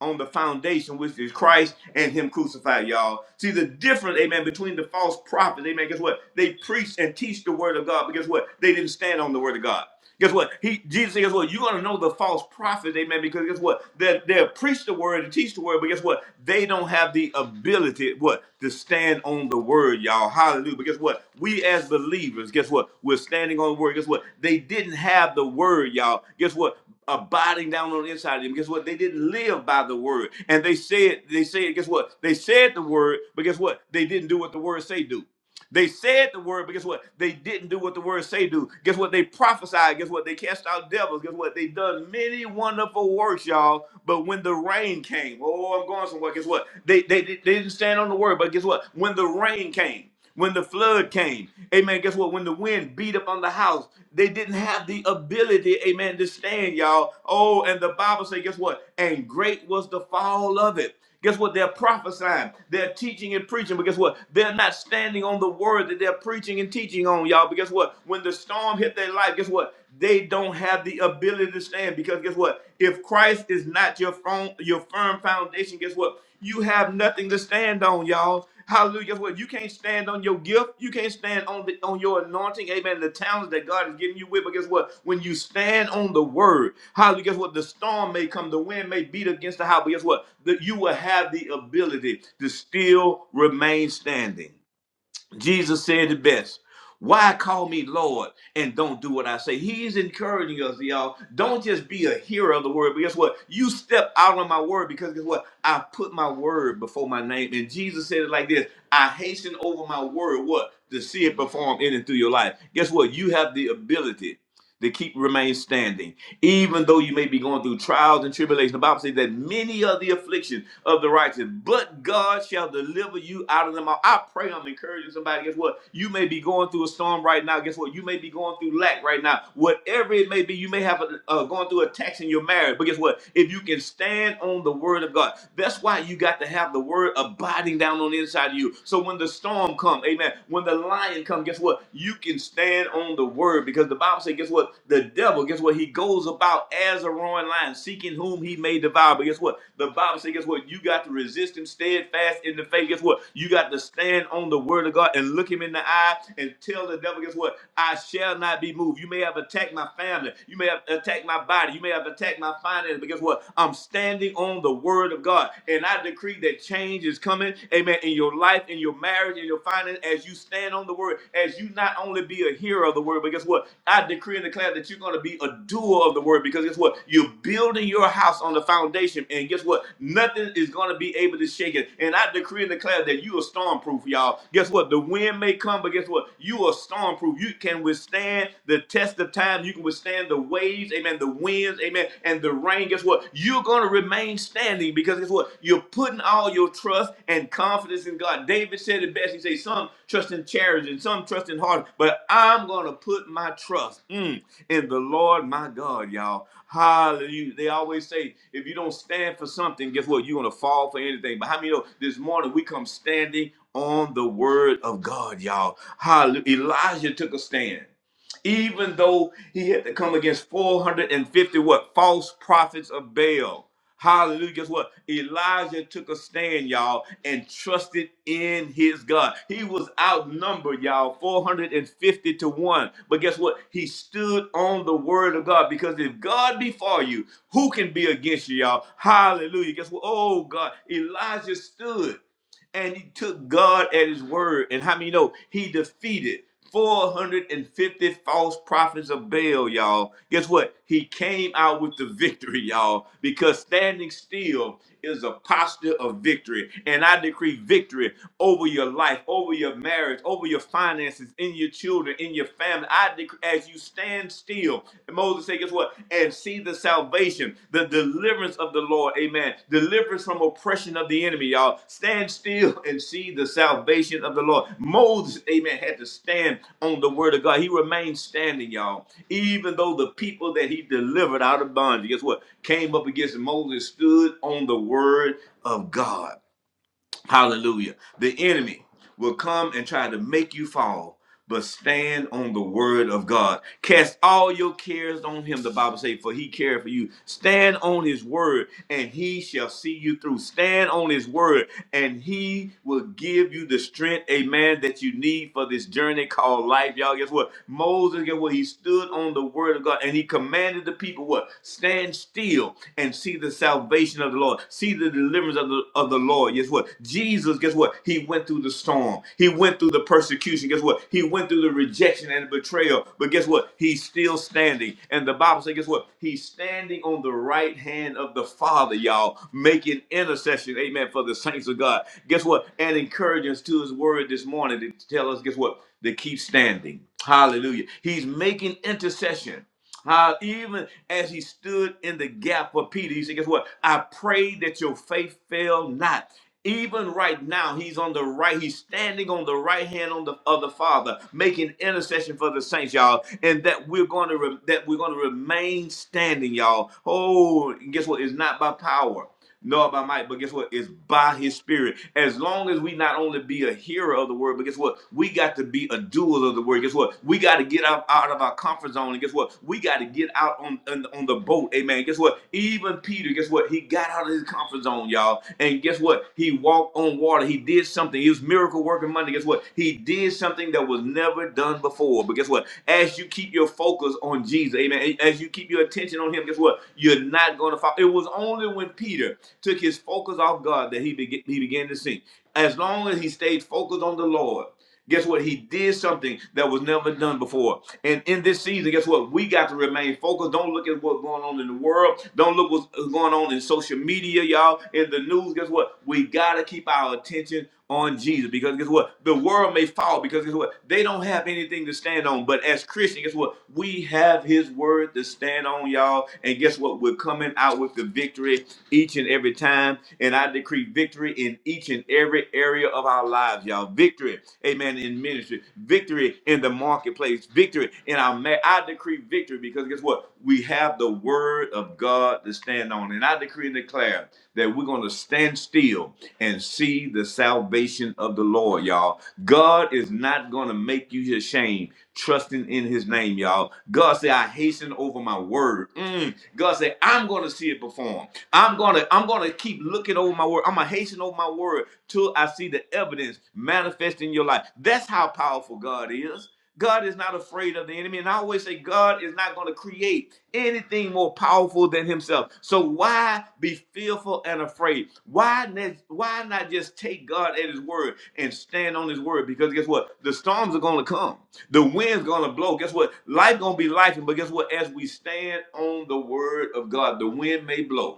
B: on the foundation, which is Christ and Him crucified, y'all. See the difference, amen, between the false prophets, amen. Guess what? They preach and teach the word of God, but guess what? They didn't stand on the word of God. Guess what? He Jesus said, guess what? You're gonna know the false prophets, amen, because guess what? They they'll preach the word and teach the word, but guess what? They don't have the ability, what? To stand on the word, y'all. Hallelujah. But guess what? We as believers, guess what? We're standing on the word. Guess what? They didn't have the word, y'all. Guess what? Abiding down on the inside of them. Guess what? They didn't live by the word. And they said, they said, guess what? They said the word, but guess what? They didn't do what the word say do. They said the word, but guess what? They didn't do what the word say do. Guess what? They prophesied. Guess what? They cast out devils. Guess what? They done many wonderful works, y'all. But when the rain came, oh, I'm going somewhere. Guess what? They they, they didn't stand on the word, but guess what? When the rain came, when the flood came, amen. Guess what? When the wind beat up on the house, they didn't have the ability, amen, to stand, y'all. Oh, and the Bible say, guess what? And great was the fall of it. Guess what? They're prophesying, they're teaching and preaching, but guess what? They're not standing on the word that they're preaching and teaching on, y'all. But guess what? When the storm hit their life, guess what? They don't have the ability to stand because guess what? If Christ is not your firm, your firm foundation, guess what? You have nothing to stand on, y'all. Hallelujah. Well, you can't stand on your gift. You can't stand on the, on your anointing. Amen. The talents that God is giving you with. But guess what? When you stand on the word, hallelujah. Guess what? The storm may come, the wind may beat against the house. But guess what? That you will have the ability to still remain standing. Jesus said the best. Why call me Lord and don't do what I say? He's encouraging us, y'all. Don't just be a hearer of the word, but guess what? You step out on my word because guess what? I put my word before my name. And Jesus said it like this I hasten over my word, what? To see it perform in and through your life. Guess what? You have the ability to keep remain standing even though you may be going through trials and tribulation. The Bible says that many are the afflictions of the righteous, but God shall deliver you out of them all. I pray I'm encouraging somebody. Guess what? You may be going through a storm right now. Guess what? You may be going through lack right now. Whatever it may be, you may have a, uh, going through attacks in your marriage. But guess what? If you can stand on the word of God, that's why you got to have the word abiding down on the inside of you. So when the storm come, amen, when the lion come, guess what? what? You can stand on the word because the Bible says, guess what? The devil, guess what? He goes about as a roaring lion, seeking whom he may devour. But guess what? The Bible says, guess what? You got to resist him steadfast in the faith. Guess what? You got to stand on the word of God and look him in the eye and tell the devil, guess what? I shall not be moved. You may have attacked my family. You may have attacked my body. You may have attacked my finances. But guess what? I'm standing on the word of God. And I decree that change is is coming, amen, in your life, in your marriage, in your finance, as you stand on the word, as you not only be a hearer of the word, but guess what? I decree and declare that you're going to be a doer of the word because guess what? You're building your house on the foundation, and guess what? Nothing is going to be able to shake it. And I decree and declare that you are stormproof, y'all. Guess what? The wind may come, but guess what? You are stormproof. You can withstand the test of time. You can withstand the waves, amen, the winds, amen, and the the rain, guess what? You're going to remain standing because guess what? You're putting all your trust and confidence in God. David said it best. He said, Some trust in chariots and some trust in horses, but I'm going to put my trust mm, in the Lord my God, y'all. Hallelujah. They always say, if you don't stand for something, guess what? You're going to fall for anything. But how many know this morning we come standing on the word of God, y'all? Hallelujah. Elijah took a stand even though he had to come against 450 what false prophets of Baal. Hallelujah. Guess what? Elijah took a stand, y'all, and trusted in his God. He was outnumbered, y'all, 450 to 1. But guess what? He stood on the word of God because if God be for you, who can be against you, y'all? Hallelujah. Guess what? Oh, God. Elijah stood and he took God at his word. And how many know he defeated 450 false prophets of Baal, y'all? Guess what? He came out with the victory, y'all, because standing still is a posture of victory. And I decree victory over your life, over your marriage, over your finances, in your children, in your family. I decree as you stand still still. And Moses said, guess what? And see the salvation, the deliverance of the Lord. Amen. Deliverance from oppression of the enemy, y'all. Stand still and see the salvation of the Lord. Moses, amen, had to stand on the word of God. He remained standing, y'all. Even though the people that he delivered out of bondage, guess what? Came up against Moses, stood on the word of God. Hallelujah. The enemy will come and try to make you fall, but stand on the word of God. Cast all your cares on him, the Bible says, for he cared for you. Stand on his word, and he shall see you through. Stand on his word, and he will give you the strength, amen, that you need for this journey called life. Y'all, guess what? Moses, guess what? He stood on the word of God, and he commanded the people what? Stand still and see the the salvation of the Lord, see the deliverance of the, of the Lord. Guess what? Jesus, guess what? He went through the storm, he went through the persecution. Guess what? He went through the rejection and the betrayal. But guess what? He's still standing. And the Bible says, guess what? He's standing on the right hand of the Father, y'all, making intercession, amen, for the saints of God. Guess what? And encouraging us to his word this morning to tell us, guess what? To keep standing. Hallelujah. He's making intercession. How even as he stood in the gap for Peter, he said, Guess what? I pray that your faith fail not. Even right now, he's on the right. He's standing on the right hand on the, of the Father, making intercession for the saints, y'all. And that we're going to re- that we're going to remain standing, y'all. Oh, and guess what? It's not by power nor by might, but guess what? It's by his spirit. As long as we not only be a hearer of the word, but guess what? We got to be a doer of the word. Guess what? We got to get out, out of our comfort zone. And guess what? We got to get out on, on, on the boat. Amen. Guess what? Even Peter, guess what? He got out of his comfort zone, y'all. And guess what? He walked on water. He did something. He was miracle working Monday. Guess what? He did something that was never done before. But guess what? As you keep your focus on Jesus, amen. As you keep your attention on him, guess what? You're not going to fall. It was only when Peter Peter took his focus off God that he, beg- he began to sink. As long as he stayed focused on the Lord, guess what? He did something that was never done before. And in this season, guess what? We got to remain focused. Don't look at what's going on in the world. Don't look what's uh, going on in social media, y'all, in the news. Guess what? We got to keep our attention on Jesus because guess what? The world may fall because guess what? They don't have anything to stand on. But as Christians, guess what? We have his word to stand on, y'all. And guess what? We're coming out with the victory each and every time. And I decree victory in each and every area of our lives, y'all. Victory, amen, in ministry, victory in the marketplace, victory in our ma- I decree victory because guess what? We have the word of God to stand on. And I decree and declare that we're going to stand still and see the salvation of the Lord, y'all. God is not going to make you ashamed trusting in his name, y'all. God said, I hasten over my word. Mm. God said, I'm going to see it perform. I'm gonna I'm gonna keep looking over my word. I'm gonna hasten over my word till I see the evidence manifest in your life. That's how powerful God is. God is not afraid of the enemy. And I always say God is not going to create anything more powerful than himself. So why be fearful and afraid? Why, ne- why not just take God at his word and stand on his word? Because guess what? The storms are going to come. The wind's going to blow. Guess what? Life going to be life. But guess what? As we stand on the word of God, the wind may blow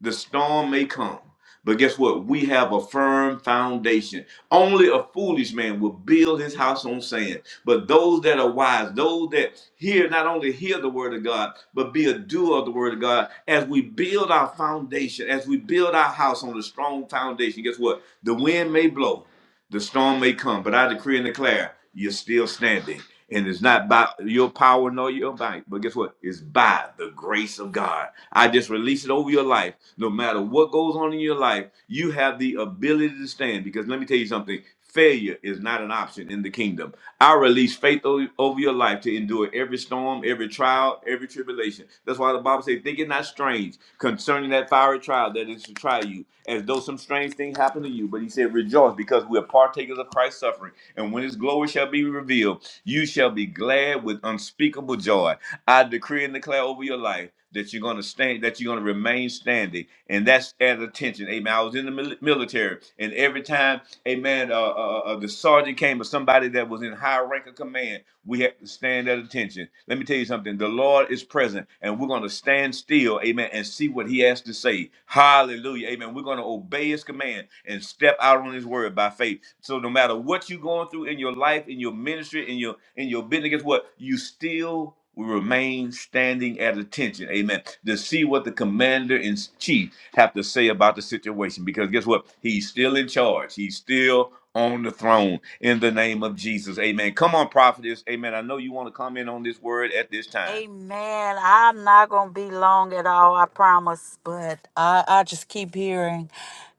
B: the storm may come. But guess what? We have a firm foundation. Only a foolish man will build his house on sand. But those that are wise, those that hear, not only hear the word of God, but be a doer of the word of God, as we build our foundation, as we build our house on a strong foundation, guess what? The wind may blow. The storm may come, but I decree and declare you're still standing. And it's not by your power nor your might, but guess what? It's by the grace of God. I just release it over your life. No matter what goes on in your life, you have the ability to stand. Because let me tell you something failure is not an option in the kingdom. I release faith o- over your life to endure every storm, every trial, every tribulation. That's why the Bible says, Think it not strange concerning that fiery trial that is to try you, as though some strange thing happened to you. But he said, Rejoice, because we are partakers of Christ's suffering. And when his glory shall be revealed, you shall be glad with unspeakable joy. I decree and declare over your life that you're going to stand, that you're going to remain standing, and that's at attention. Amen. I was in the mil- military, and every time, amen, uh, uh, uh, uh, the sergeant came or somebody that was in high rank of command, we had to stand at attention. Let me tell you something. The Lord is present, and we're going to stand still, amen, and see what He has to say. Hallelujah, amen. We're going to obey His command and step out on His word by faith. So no matter what you're going through in your life, in your ministry, in your in your business, guess what? You still we remain standing at attention, amen, to see what the commander in chief have to say about the situation. Because guess what? He's still in charge. He's still on the throne in the name of Jesus. Amen. Come on, prophetess. Amen. I know you want to comment on this word at this time.
A: Amen. I'm not going to be long at all, I promise. But I, I just keep hearing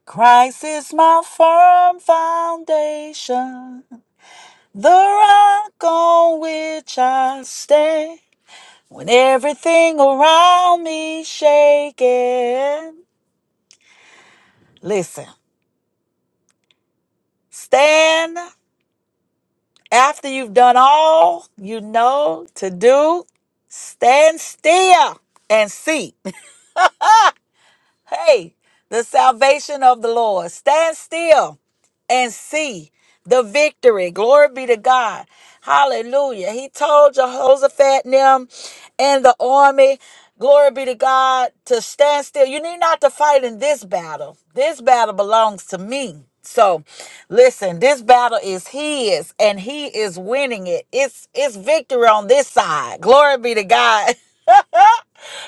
A: Christ is my firm foundation, the rock on which I stand. When everything around me shaking, listen, stand After you've done all you know to do, stand still and see. Hey, the salvation of the Lord. Stand still and see the victory. Glory be to God. Hallelujah. He told Jehoshaphat and them and the army, glory be to God, to stand still. You need not to fight in this battle. This battle belongs to me. So listen, this battle is his and he is winning it. It's it's victory on this side. Glory be to God.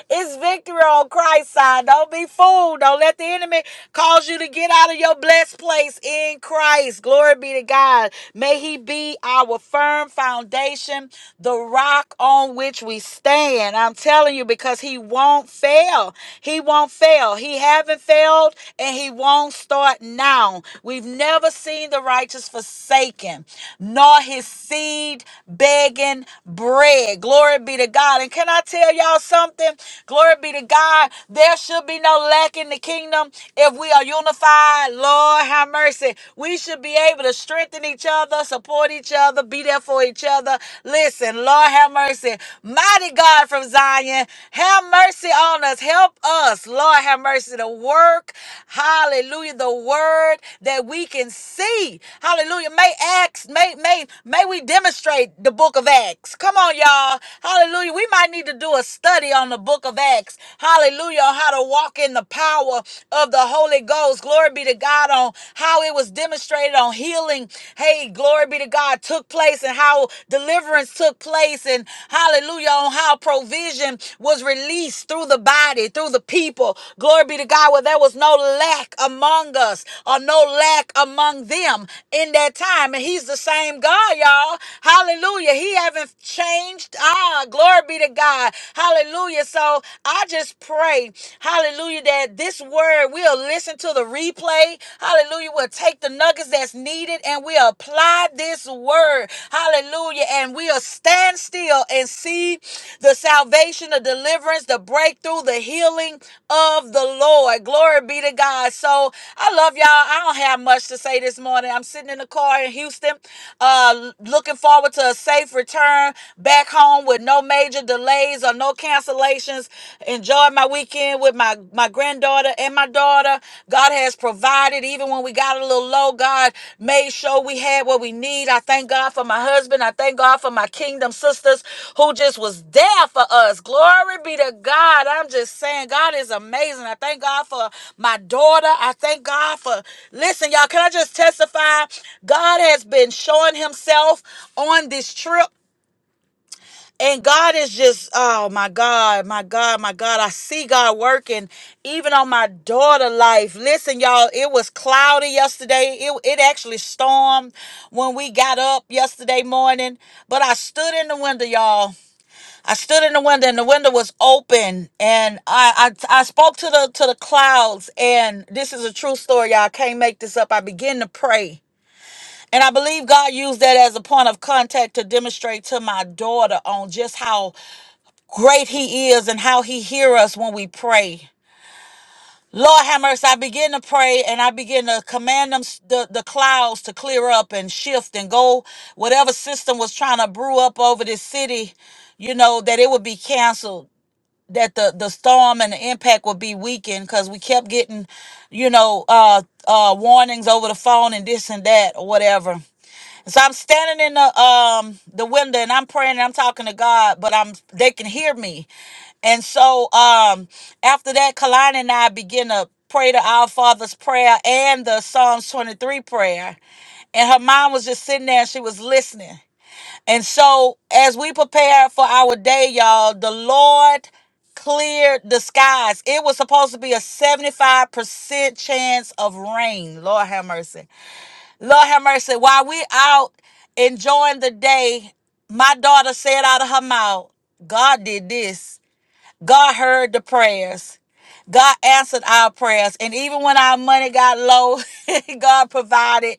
A: It's victory on Christ's side. Don't be fooled. Don't let the enemy cause you to get out of your blessed place in Christ. Glory be to God. May He be our firm foundation, the rock on which we stand. I'm telling you, because He won't fail. He won't fail. He haven't failed, and He won't start now. We've never seen the righteous forsaken, nor his seed begging bread. Glory be to God. And can I tell y'all? about something, glory be to God, there should be no lack in the kingdom if we are unified. Lord, have mercy. We should be able to strengthen each other, support each other, be there for each other. Listen, Lord, have mercy. Mighty God from Zion, have mercy on us. Help us, Lord, have mercy to work. Hallelujah. The word that we can see. Hallelujah. May Acts, may, may, may we demonstrate the book of Acts. Come on, y'all. Hallelujah. We might Somebody need to do a study on the book of Acts. Hallelujah. On how to walk in the power of the Holy Ghost. Glory be to God on how it was demonstrated on healing. Hey, glory be to God took place and how deliverance took place. And hallelujah on how provision was released through the body, through the people. Glory be to God where there was no lack among us or no lack among them in that time. And he's the same God, y'all. Hallelujah. He haven't changed. Ah, God. Glory be to God. Hallelujah. So I just pray, hallelujah, that this word we'll listen to the replay. Hallelujah. We'll take the nuggets that's needed and we'll apply this word. Hallelujah. And we'll stand still and see the salvation, the deliverance, the breakthrough, the healing of the Lord. Glory be to God. So I love y'all. I don't have much to say this morning. I'm sitting in the car in Houston, uh, looking forward to a safe return back home with no major delays or no cancellations. Enjoyed my weekend with my, my granddaughter and my daughter. God has provided, even when we got a little low, God made sure we had what we need. I thank God for my husband. I thank God for my kingdom sisters who just was there for us. Glory be to God. I'm just saying, God is amazing. I thank God for my daughter. I thank God for, listen, y'all, can I just testify? God has been showing himself on this trip. And God is just, oh my God, my God, my God. I see God working even on my daughter life. Listen, y'all, it was cloudy yesterday. It, it actually stormed when we got up yesterday morning. But I stood in the window, y'all. I stood in the window and the window was open. And I, I I spoke to the to the clouds. And this is a true story, y'all. I can't make this up. I began to pray. And I believe God used that as a point of contact to demonstrate to my daughter on just how great he is and how he hears us when we pray. Lord have mercy. I begin to pray and I begin to command them the, the clouds to clear up and shift and go whatever system was trying to brew up over this city, you know, that it would be canceled, that the, the storm and the impact would be weakened because we kept getting, you know, uh uh warnings over the phone and this and that or whatever. So I'm standing in the um the window and I'm praying and I'm talking to God, but I'm they can hear me. And so um after that, Kalani and I begin to pray the Our Father's prayer and the Psalms 23 prayer. And her mom was just sitting there and she was listening. And so as we prepared for our day, y'all, the Lord cleared the skies. It was supposed to be a 75% chance of rain. Lord have mercy. Lord have mercy. While we out enjoying the day, my daughter said out of her mouth, God did this. God heard the prayers. God answered our prayers. And even when our money got low, God provided,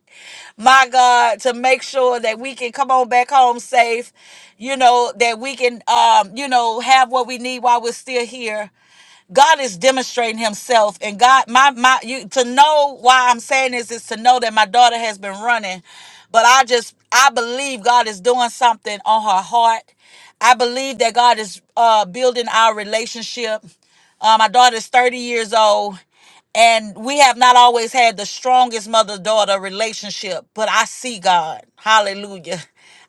A: my God, to make sure that we can come on back home safe, you know, that we can um, you know, have what we need while we're still here. God is demonstrating himself and God my my you to know why I'm saying this is to know that my daughter has been running but I just I believe God is doing something on her heart. I believe that God is uh building our relationship. Uh, my daughter is 30 years old and we have not always had the strongest mother daughter relationship, but I see God. Hallelujah.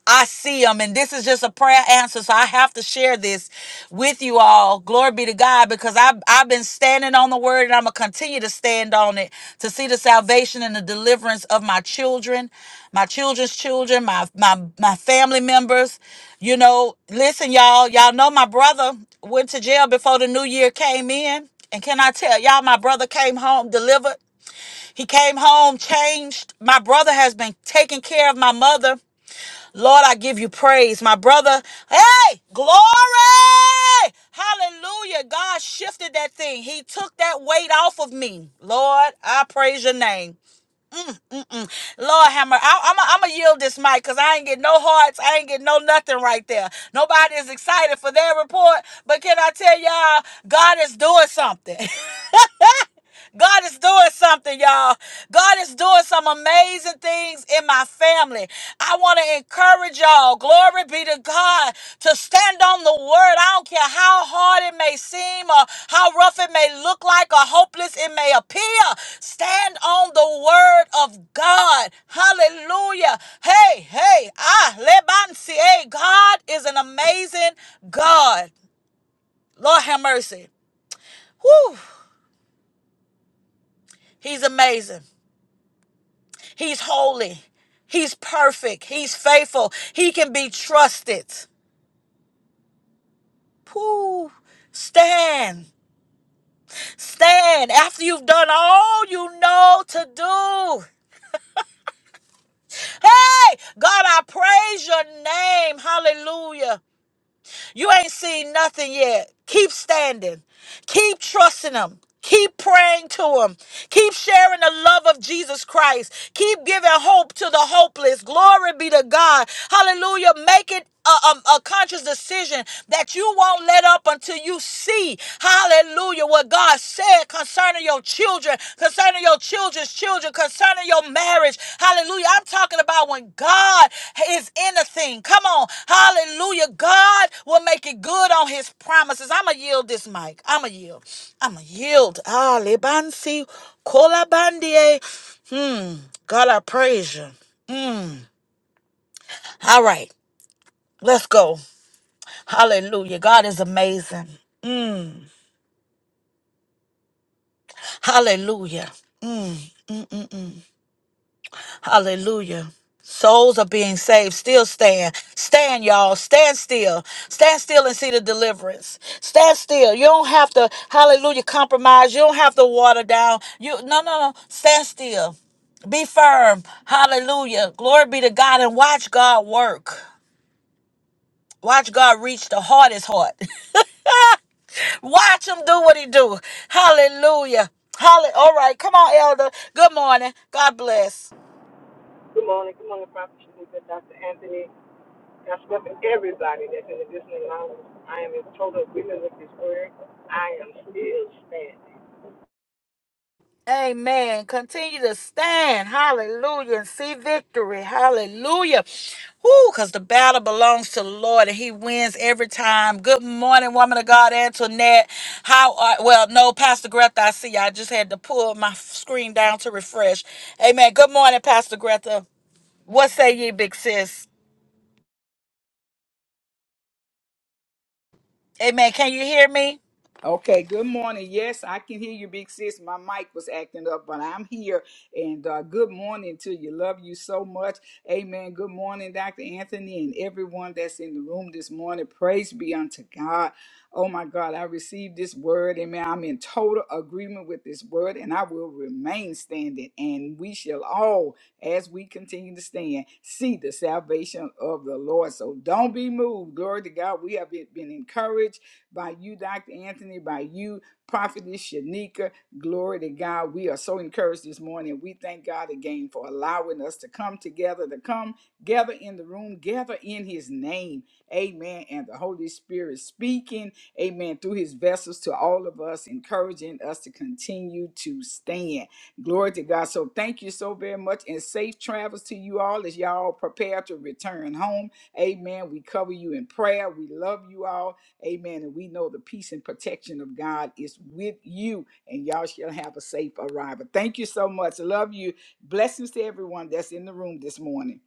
A: I see him. And this is just a prayer answer. So I have to share this with you all. Glory be to God because I've, I've been standing on the word and I'm going to continue to stand on it to see the salvation and the deliverance of my children, my children's children, my, my, my family members. You know, listen, y'all, y'all know my brother went to jail before the new year came in. And can I tell y'all, my brother came home delivered. He came home changed. My brother has been taking care of my mother. Lord, I give you praise. My brother, hey, glory! Hallelujah. God shifted that thing. He took that weight off of me. Lord, I praise your name. Mm-mm. Lord, Hammer, I'm going to yield this mic because I ain't get no hearts. I ain't get no nothing right there. Nobody is excited for their report, but can I tell y'all, God is doing something. God is doing something, y'all. God is doing some amazing things in my family. I want to encourage y'all, glory be to God, to stand on the word. I don't care how hard it may seem or how rough it may look like or hopeless it may appear. Stand on the word of God. Hallelujah. Hey, hey, ah, lebansi. Hey, God is an amazing God. Lord have mercy. Whew. He's amazing. He's holy. He's perfect. He's faithful. He can be trusted. Pooh. Stand. Stand after you've done all you know to do. Hey, God, I praise your name. Hallelujah. You ain't seen nothing yet. Keep standing. Keep trusting Him. Keep praying to Him. Keep sharing the love of Jesus Christ. Keep giving hope to the hopeless. Glory be to God. Hallelujah. Make it a, a, a conscious decision that you won't let up until you see, hallelujah, what God said concerning your children, concerning your children's children, concerning your marriage. Hallelujah. I'm talking about when God is in a thing. Come on. Hallelujah. God will make it good on his promises. I'm going to yield this mic. I'm going to yield. I'm going to yield. Ah, Lebansi, Kolabandie. Hmm. God, I praise you. All right. Let's go. Hallelujah. God is amazing. Hallelujah. Hmm. Hallelujah. Souls are being saved. Still stand. Stand, y'all. Stand still. Stand still and see the deliverance. Stand still. You don't have to, hallelujah, compromise. You don't have to water down. You no no no. Stand still. Be firm. Hallelujah. Glory be to God and watch God work. Watch God reach the hardest heart. Watch him do what he do. Hallelujah. Hallelujah. All right. Come on, elder. Good morning. God bless.
C: Good morning. Good morning, Prophet Shanika, Dr. Anthony, Pastor Jeff, and everybody that's in the listening lounge. I am in total agreement with this word. I am still standing.
A: Amen. Continue to stand. Hallelujah. And see victory. Hallelujah. Whoo, because the battle belongs to the Lord and He wins every time. Good morning, woman of God, Antoinette. How are, well, no, Pastor Greta, I see. you. I just had to pull my screen down to refresh. Amen. Good morning, Pastor Greta. What say ye, big sis? Amen. Can you hear me?
D: Okay, good morning. Yes, I can hear you, big sis. My mic was acting up, but I'm here. And uh, good morning to you. Love you so much. Amen. Good morning, Dr. Anthony, and everyone that's in the room this morning. Praise be unto God. Oh my God, I received this word. Amen. I'm in total agreement with this word, and I will remain standing. And we shall all, as we continue to stand, see the salvation of the Lord. So don't be moved. Glory to God. We have been been encouraged by you, Dr. Anthony, by you, Prophetess Shanika. Glory to God. We are so encouraged this morning. We thank God again for allowing us to come together, to come gather in the room, gather in his name. Amen. And the Holy Spirit speaking, amen, through his vessels to all of us, encouraging us to continue to stand. Glory to God. So thank you so very much and safe travels to you all as y'all prepare to return home. Amen. We cover you in prayer. We love you all Amen. And we know the peace and protection of God is with you, and y'all shall have a safe arrival. Thank you so much. I Love you. Blessings to everyone that's in the room this morning.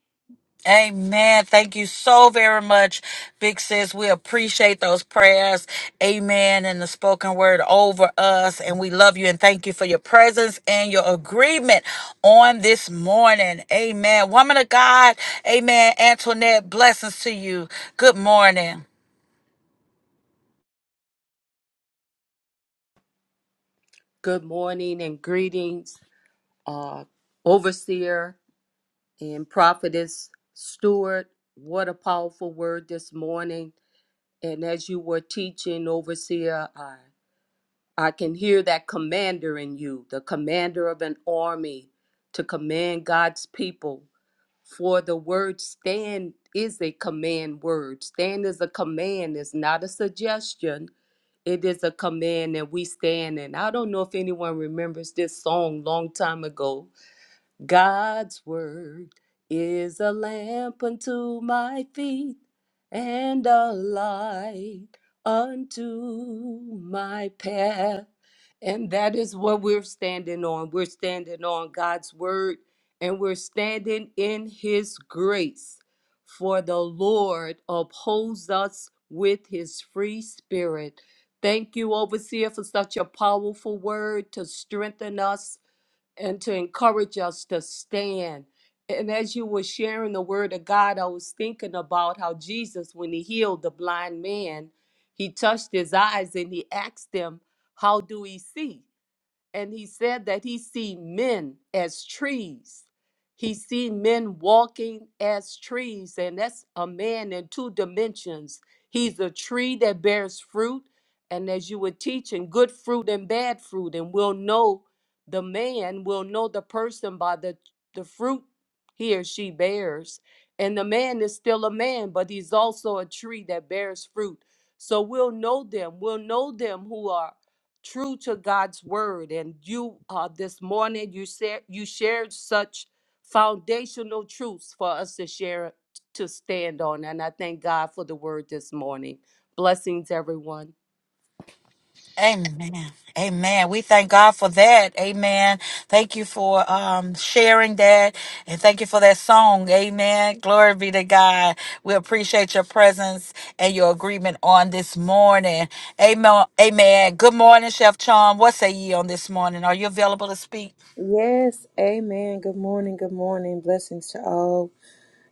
A: Amen. Thank you so very much, Big Sis. We appreciate those prayers. Amen. And the spoken word over us. And we love you and thank you for your presence and your agreement on this morning. Amen. Woman of God. Amen. Antoinette, blessings to you. Good morning.
E: Good morning and greetings, uh, Overseer and Prophetess Stewart. What a powerful word this morning. And as you were teaching, Overseer, I, I can hear that commander in you, the commander of an army to command God's people. For the word stand is a command word. Stand is a command, it's not a suggestion. It is a command and we stand. And I don't know if anyone remembers this song long time ago God's word is a lamp unto my feet and a light unto my path. And that is what we're standing on. We're standing on God's word and we're standing in his grace. For the Lord upholds us with his free spirit. Thank you, Overseer, for such a powerful word to strengthen us and to encourage us to stand. And as you were sharing the word of God, I was thinking about how Jesus, when he healed the blind man, he touched his eyes and he asked them, How do we see? and he said that he see men as trees he see men walking as trees and that's a man in two dimensions he's a tree that bears fruit and as you were teaching good fruit and bad fruit and we'll know the man we will know the person by the the fruit he or she bears and the man is still a man but he's also a tree that bears fruit so we'll know them we'll know them who are true to God's word. And you uh, this morning you said you shared such foundational truths for us to share to stand on. And I thank God for the word this morning. Blessings, everyone.
A: Amen. Amen. We thank God for that. Amen. Thank you for um, sharing that. And thank you for that song. Amen. Glory be to God. We appreciate your presence and your agreement on this morning. Amen. Amen. Good morning, Chef Chom. What say ye on this morning? Are you available to speak?
F: Yes, amen. Good morning, good morning. Blessings to all.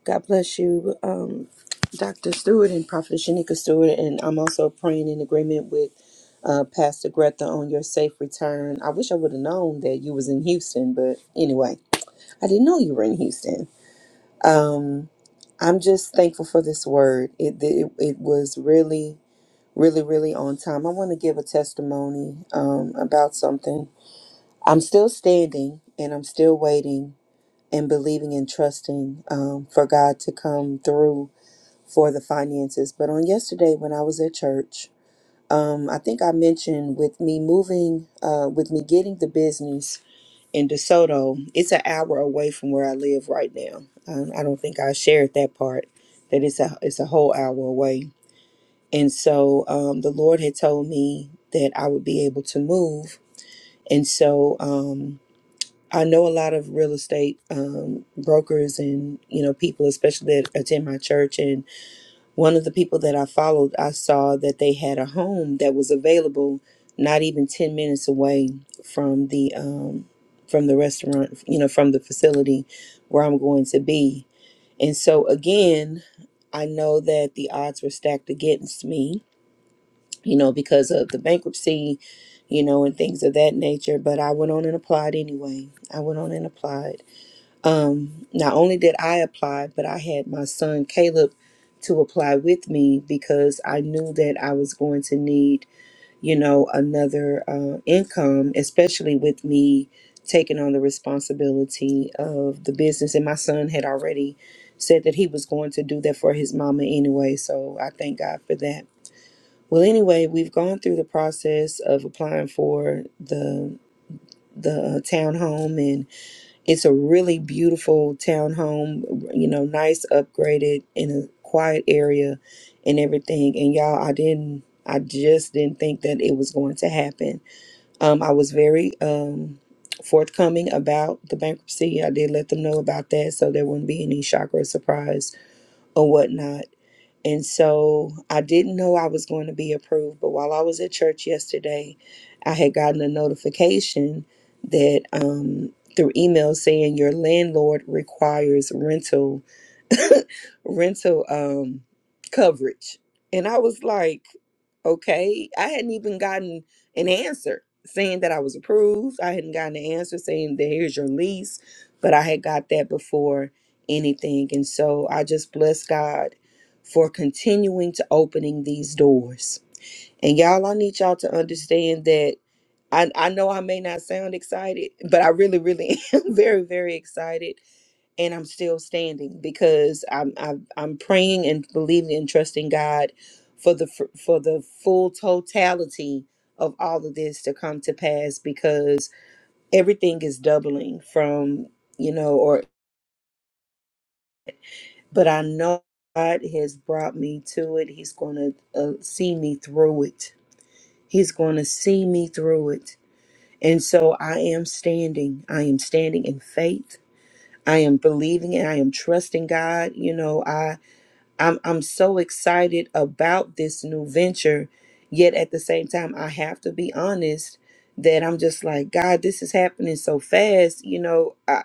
F: God bless you, um, Dr. Stewart and Prophet Shanika Stewart. And I'm also praying in agreement with uh, Pastor Greta on your safe return. I wish I would have known that you was in Houston, but anyway, I didn't know you were in Houston. I'm just thankful for this word. It, it, it was really, really, really on time. I want to give a testimony um, about something. I'm still standing and I'm still waiting and believing and trusting um, for God to come through for the finances. But on yesterday, when I was at church, um, I think I mentioned with me moving, uh, with me getting the business in DeSoto, it's an hour away from where I live right now. Um, I don't think I shared that part that it's a it's a whole hour away. And so um, the Lord had told me that I would be able to move. And so um, I know a lot of real estate um, brokers and you know people, especially that attend my church. And one of the people that I followed, I saw that they had a home that was available, not even ten minutes away from the um, from the restaurant, you know, from the facility where I'm going to be. And so again, I know that the odds were stacked against me, you know, because of the bankruptcy, you know, and things of that nature. But I went on and applied anyway. I went on and applied um, not only did I apply, but I had my son Caleb to apply with me because I knew that I was going to need, you know, another uh, income, especially with me taking on the responsibility of the business. And my son had already said that he was going to do that for his mama anyway. So I thank God for that. Well, anyway, we've gone through the process of applying for the the uh, townhome it's a really beautiful townhome, you know, nice upgraded in a quiet area and everything. And y'all, I didn't, I just didn't think that it was going to happen. Um, I was very um, forthcoming about the bankruptcy. I did let them know about that so there wouldn't be any shock or surprise or whatnot. And so I didn't know I was going to be approved, but while I was at church yesterday, I had gotten a notification that um, through email saying your landlord requires rental rental um, coverage, and I was like. Okay. I hadn't even gotten an answer saying that I was approved. I hadn't gotten an answer saying that here's your lease, but I had got that before anything. And so I just bless God for continuing to opening these doors. And y'all, I need y'all to understand that I, I know I may not sound excited, but I really, really am very, very excited and I'm still standing because I'm I'm, I'm praying and believing and trusting God for the f- for the full totality of all of this to come to pass because everything is doubling from you know or but I know God has brought me to it. He's going to uh, see me through it. He's going to see me through it. And so I am standing. I am standing in faith. I am believing and I am trusting God. You know, I I'm I'm so excited about this new venture, yet at the same time I have to be honest that I'm just like God, this is happening so fast. You know, I,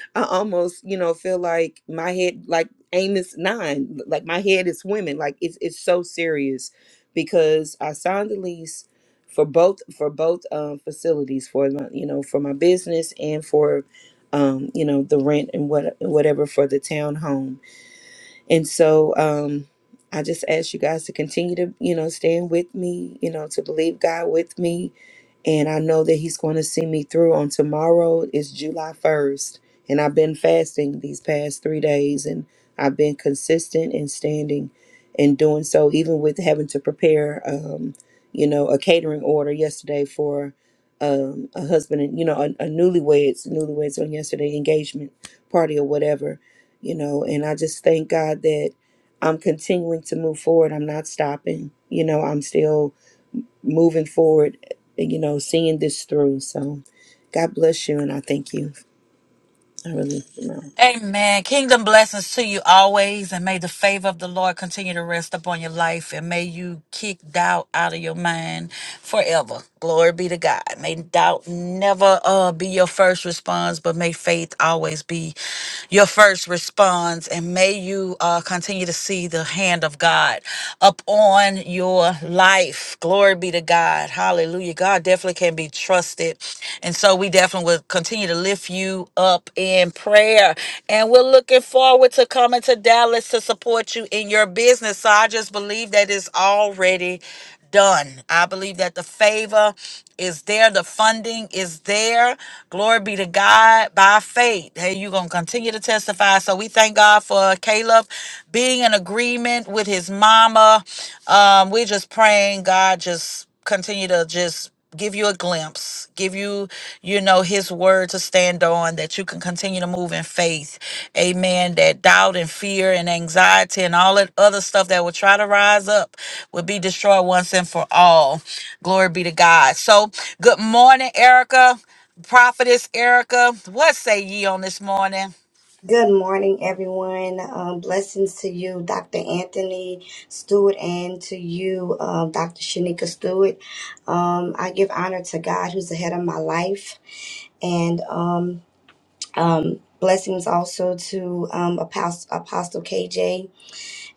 F: I almost you know feel like my head like Amos nine, like my head is swimming. Like it's it's so serious because I signed the lease for both for both um, facilities for my you know for my business and for um, you know the rent and what whatever for the townhome and so um, I just ask you guys to continue to, you know, stand with me, you know, to believe God with me and I know that He's going to see me through. On tomorrow is July 1st, and I've been fasting these past three days, and I've been consistent and standing and doing so, even with having to prepare, um, you know, a catering order yesterday for um, a husband and you know a, a newlyweds, newlyweds on yesterday engagement party or whatever, you know. And I just thank God that I'm continuing to move forward. I'm not stopping. You know, I'm still moving forward, you know, seeing this through. So God bless you and I thank you. I really am.
A: Amen. Kingdom blessings to you always, and may the favor of the Lord continue to rest upon your life, and may you kick doubt out of your mind forever. Glory be to God. May doubt never uh, be your first response, but may faith always be your first response, and may you uh, continue to see the hand of God upon your life. Glory be to God. Hallelujah. God definitely can be trusted. And so we definitely will continue to lift you up in prayer. And we're looking forward to coming to Dallas to support you in your business. So I just believe that it's already done. I believe that the favor is there, the funding is there. Glory be to God by faith. Hey, you're going to continue to testify. So we thank God for Caleb being in agreement with his mama. Um, we're just praying God just continue to just give you a glimpse, give you, you know, his word to stand on, that you can continue to move in faith. Amen. That doubt and fear and anxiety and all that other stuff that will try to rise up will be destroyed once and for all. Glory be to God. So, good morning, Erica, prophetess Erica. What say ye on this morning?
G: Good morning, everyone. Um, blessings to you, Dr. Anthony Stewart, and to you, um, Dr. Shanika Stewart. Um, I give honor to God, who's the head of my life, and um, um, blessings also to um, Apostle, Apostle KJ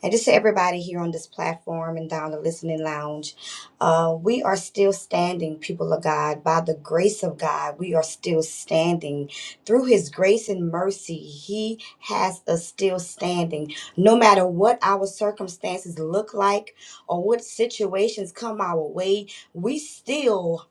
G: and just to everybody here on this platform and down the listening lounge. Uh, we are still standing, people of God, by the grace of God. We are still standing through His grace and mercy. He has us still standing, no matter what our circumstances look like or what situations come our way. We still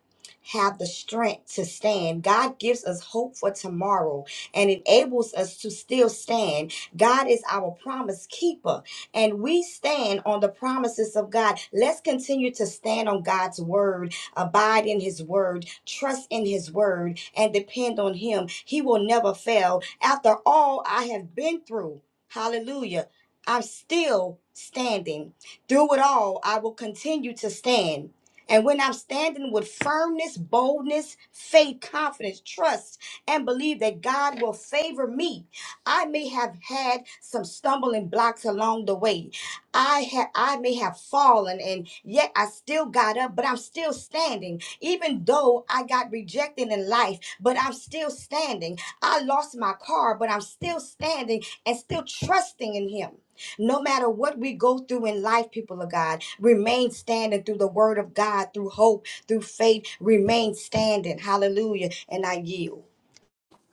G: have the strength to stand. God gives us hope for tomorrow and enables us to still stand. God is our promise keeper and we stand on the promises of God. Let's continue to stand on God's word, abide in his word, trust in his word, and depend on him. He will never fail. After all I have been through, hallelujah, I'm still standing. Through it all, I will continue to stand. And when I'm standing with firmness, boldness, faith, confidence, trust, and believe that God will favor me I may have had some stumbling blocks along the way. I had I may have fallen and yet I still got up, but I'm still standing. Even though I got rejected in life, but I'm still standing. I lost my car, but I'm still standing and still trusting in him. No matter what we go through in life, people of God, remain standing through the word of God, through hope, through faith, remain standing. Hallelujah. And I yield.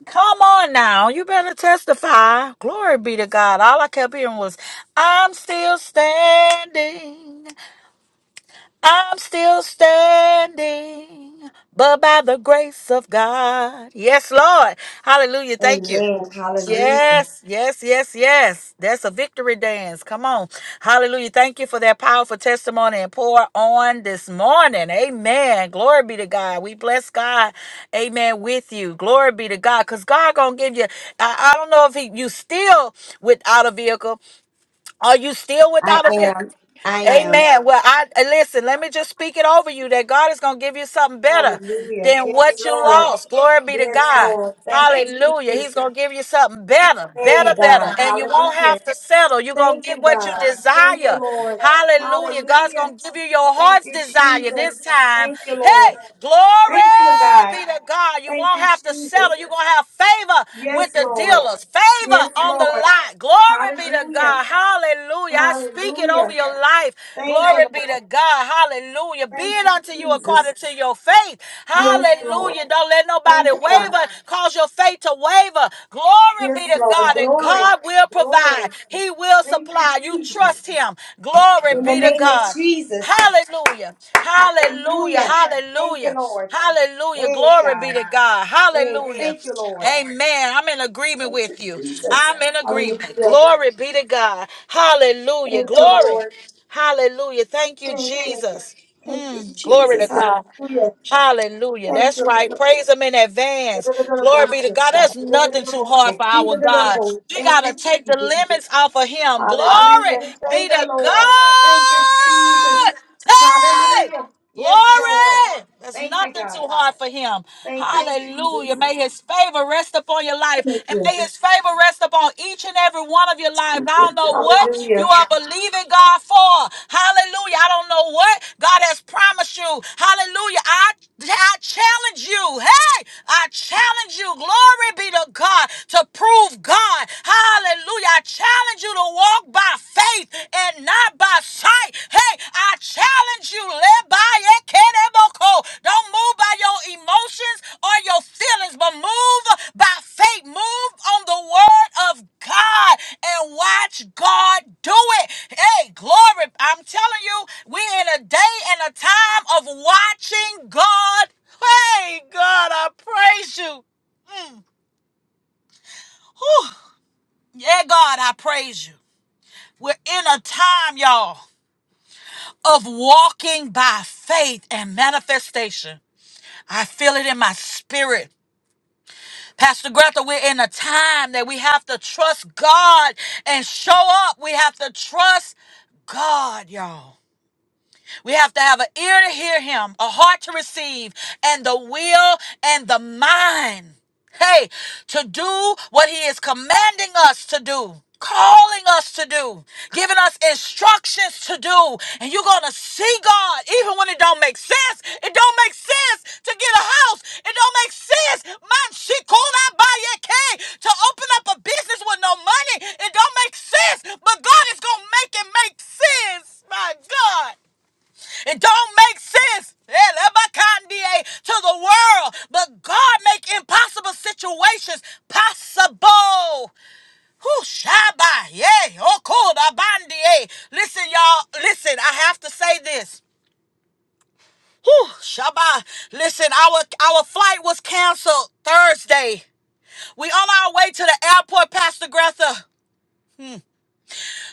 A: Come on now, you better testify. Glory be to God. All I kept hearing was, I'm still standing. I'm still standing, but by the grace of God. Yes, Lord. Hallelujah. Thank you.
G: Amen. Hallelujah.
A: Yes, yes, yes, yes. That's a victory dance. Come on. Hallelujah. Thank you for that powerful testimony and pour on this morning. Amen. Glory be to God. We bless God. Amen. With you. Glory be to God. Because God gonna give you. I, I don't know if he, you still without a vehicle. Are you still
G: I
A: without a vehicle?
G: am. I am.
A: Amen. Well, I uh, listen, let me just speak it over you that God is going to give you something better
G: Hallelujah.
A: than
G: Yes,
A: what you
G: Lord.
A: lost. Glory be to
G: Yes,
A: God.
G: Lord. Thank you,
A: Hallelujah.
G: Jesus.
A: He's going to give you something better,
G: Hey,
A: better, better.
G: God.
A: And you won't
G: Hallelujah.
A: have to settle. You're going to
G: Thank
A: get
G: you,
A: what you
G: God. Thank you,
A: desire.
G: Lord.
A: Hallelujah. God's
G: Hallelujah.
A: going to give you your
G: Thank
A: heart's
G: you,
A: desire this
G: Jesus.
A: time.
G: Thank you, Lord.
A: Hey, glory
G: Thank you, God.
A: be to God. You
G: Thank
A: won't
G: you,
A: have to
G: Jesus.
A: settle. You're going to have favor with
G: Yes,
A: the
G: Lord.
A: dealers, favor
G: Yes,
A: on the
G: Lord.
A: lot. Glory be to
G: Hallelujah.
A: God. Hallelujah. I speak it over
G: Hallelujah.
A: your life life.
G: Thank you,
A: Glory be to
G: Lord.
A: God. Hallelujah. Be
G: Thank
A: it
G: you,
A: unto you
G: Jesus.
A: according to your faith.
G: Yes, Lord.
A: Hallelujah. Don't let nobody
G: Thank you, God.
A: waver. Cause your faith to waver. Glory be
G: Yes,
A: to
G: Lord.
A: God. And
G: Glory.
A: God will provide.
G: Glory.
A: He will
G: Thank you,
A: supply. You
G: Jesus.
A: trust him. Glory
G: In the
A: be to
G: name of
A: God.
G: Jesus.
A: Hallelujah. Hallelujah.
G: Hallelujah. Thank you,
A: Hallelujah.
G: Lord.
A: Hallelujah.
G: Hey,
A: Glory be
G: God.
A: to God.
G: Hey,
A: Hallelujah.
G: thank you, Lord.
A: Amen. I'm in agreement
G: Thank you,
A: with you.
G: Jesus.
A: I'm in agreement.
G: Hallelujah.
A: Glory be to God. Hallelujah.
G: Thank you,
A: Glory.
G: Lord.
A: Hallelujah. Thank you,
G: Thank you.
A: Jesus.
G: Thank you,
A: Mm, glory to
G: Jesus.
A: God.
G: Hallelujah.
A: Hallelujah.
G: Thank
A: That's
G: you,
A: right.
G: Lord.
A: Praise Him in advance. Glory be to
G: Da-da-da-da-da-bullshit,
A: God.
G: God.
A: That's nothing too hard for
G: Da-da-da-da-da-bullshit.
A: our God.
G: Dee-da-da-da-bull.
A: We got
G: Thank
A: to
G: you,
A: take the
G: Jesus.
A: limits off of Him. Glory
G: Hallelujah.
A: be
G: Thank you,
A: to
G: Lord. Thank you, Jesus.
A: God. Hey!
G: Hallelujah. Yes, Lord.
A: Glory! There's
G: Thank you,
A: nothing
G: God.
A: too hard for him.
G: Thank you, Jesus.
A: Hallelujah. May his favor rest upon your life. And
G: Hallelujah.
A: may his favor rest upon each and every one of your lives. I don't know what
G: Hallelujah.
A: you are believing God for. Hallelujah. I don't know what God has promised you. Hallelujah. I, I challenge you. Hey, I challenge you. Glory be to God to prove God. Hallelujah. I challenge you to walk by faith and not by sight. Hey, I challenge you, live by it. Don't move by your emotions or your feelings, but move by faith. Move on the word of God and watch God do it. Hey, glory. I'm telling you, we're in a day and a time of watching God. Hey, God, I praise you. Mm. Whew. Yeah, God, I praise you. We're in a time, y'all. of walking by faith and manifestation. I feel it in my spirit. Pastor Greta, we're in a time that we have to trust God and show up. We have to trust God, y'all. We have to have an ear to hear him, a heart to receive, and the will and the mind. Hey, to do what he is commanding us to do. Calling us to do, giving us instructions to do, and you're gonna see God even when it don't make sense. It don't make sense to get a house. It don't make sense, man. She called out by your key to open up a business with no money. It don't make sense, but God is gonna make it make sense. My God. It don't make sense Elebakandie, to the world, but God make impossible situations possible. Who Shabbat? Yeah, Okodabandie. Listen, y'all. Listen, I have to say this. Whew, Shabbat. Listen, our our flight was canceled Thursday. We on our way to the airport, Pastor Greta.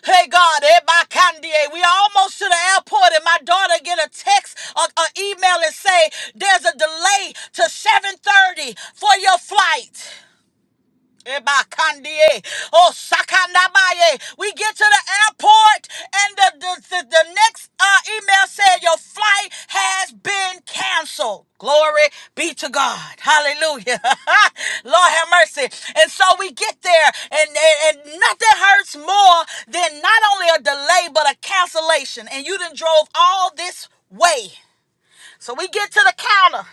A: Hey God, eh, by Kanye, we almost to the airport, and my daughter get a text, or an email, and say there's a delay to 7:30 for your flight. Ebakandie. Oh, Sakandabaye. We get to the airport, and the, the, the, the next uh, email said your flight has been canceled. Glory be to God. Hallelujah. Lord have mercy. And so we get there, and, and, and nothing hurts more than not only a delay, but a cancellation. And you done drove all this way. So we get to the counter.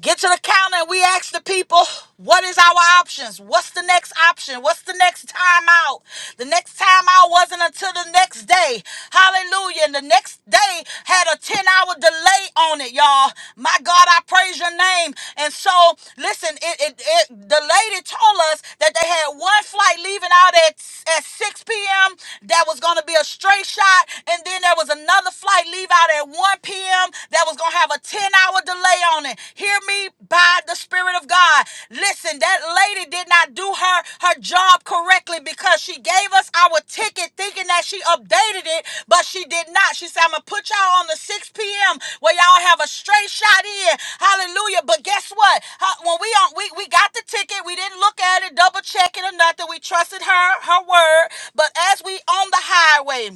A: Get to the counter and we ask the people, what is our options? What's the next option? What's the next time out? The next time out wasn't until the next day. Hallelujah. And the next day had a 10 hour delay on it, y'all. My God, I praise your name. And so, listen, it, it, it the lady told us that they had one flight leaving out at, at 6 p.m. that was going to be a straight shot. And then there was another flight leave out at 1 p.m p.m. that was going to have a 10 hour delay on it. Hear me by the Spirit of God. Listen, that lady did not do her, her job correctly because she gave us our ticket thinking that she updated it, but she did not. She said, I'm going to put y'all on the 6 p.m. where y'all have a straight shot in. Hallelujah. But guess what? Huh, When we on, we, we got the ticket, we didn't look at it, double check it or nothing. We trusted her, her word. But as we on the highway,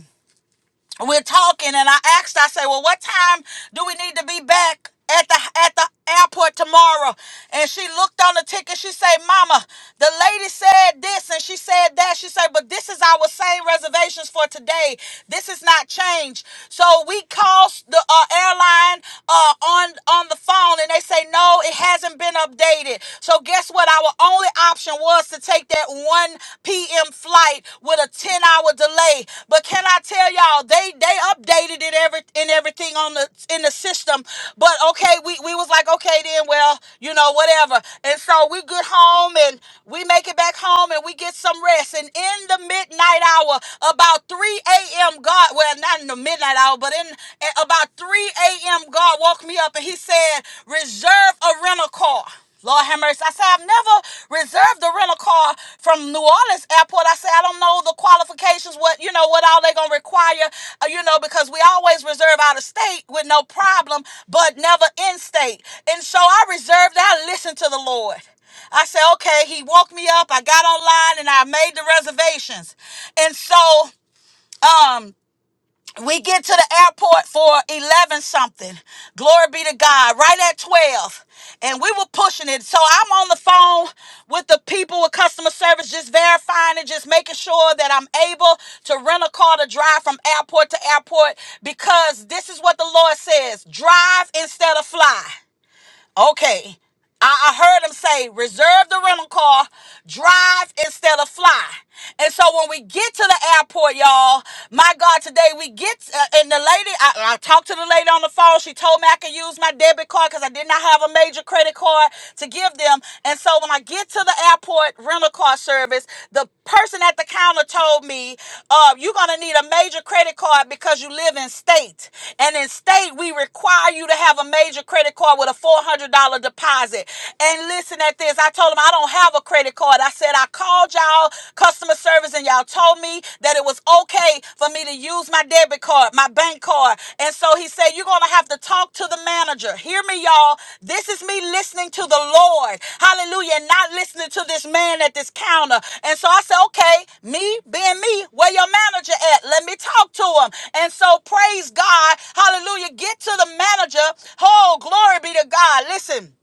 A: we're talking and I asked, I said, Well, what time do we need to be back at the at the airport tomorrow? And she looked on the ticket, she said, Mama, the lady said this and she said that. She said, But this is our same reservations for today. This is not changed. So we called the uh, airline uh, on on the phone and they say no, it hasn't been updated. So guess what? Our only option was us to take that 1 p.m. flight with a 10 hour delay. But can I tell y'all, they they updated it every and everything on the in the system. But okay, we, we was like, okay then, well, you know, whatever. And so we get home and we make it back home and we get some rest. And in the midnight hour, about 3 a.m. God, well, not in the midnight hour, but in at about 3 a.m. God woke me up and he said, reserve a rental car. Lord have mercy. I said, I've never reserved the rental car from New Orleans airport. I said, I don't know the qualifications, what, you know, what all they going to require, uh, you know, because we always reserve out of state with no problem, but never in state. And so I reserved, I listened to the Lord. I said, okay, he woke me up. I got online and I made the reservations. And so, um. We get to the airport for 11 something. Glory be to God. Right at 12. And we were pushing it. So I'm on the phone with the people with customer service, just verifying and just making sure that I'm able to rent a car to drive from airport to airport because this is what the Lord says drive instead of fly. Okay. I, I heard him say, reserve the rental car, drive instead of fly. And so when we get to the airport, y'all, my God, today we get, uh, and the lady, I, I talked to the lady on the phone. She told me I could use my debit card because I did not have a major credit card to give them. And so when I get to the airport rental car service, the person at the counter told me, uh, you're going to need a major credit card because you live in state. And in state, we require you to have a major credit card with a $400 deposit deposit. And listen at this. I told them I don't have a credit card. I said I called y'all customer service and y'all told me that it was okay for me to use my debit card, my bank card. And so he said, You're going to have to talk to the manager. Hear me, y'all. This is me listening to the Lord. Hallelujah. And not listening to this man at this counter. And so I said, Okay, me being me, where your manager at? Let me talk to him. And so praise God. Hallelujah. Get to the manager. Oh, glory be to God. Listen.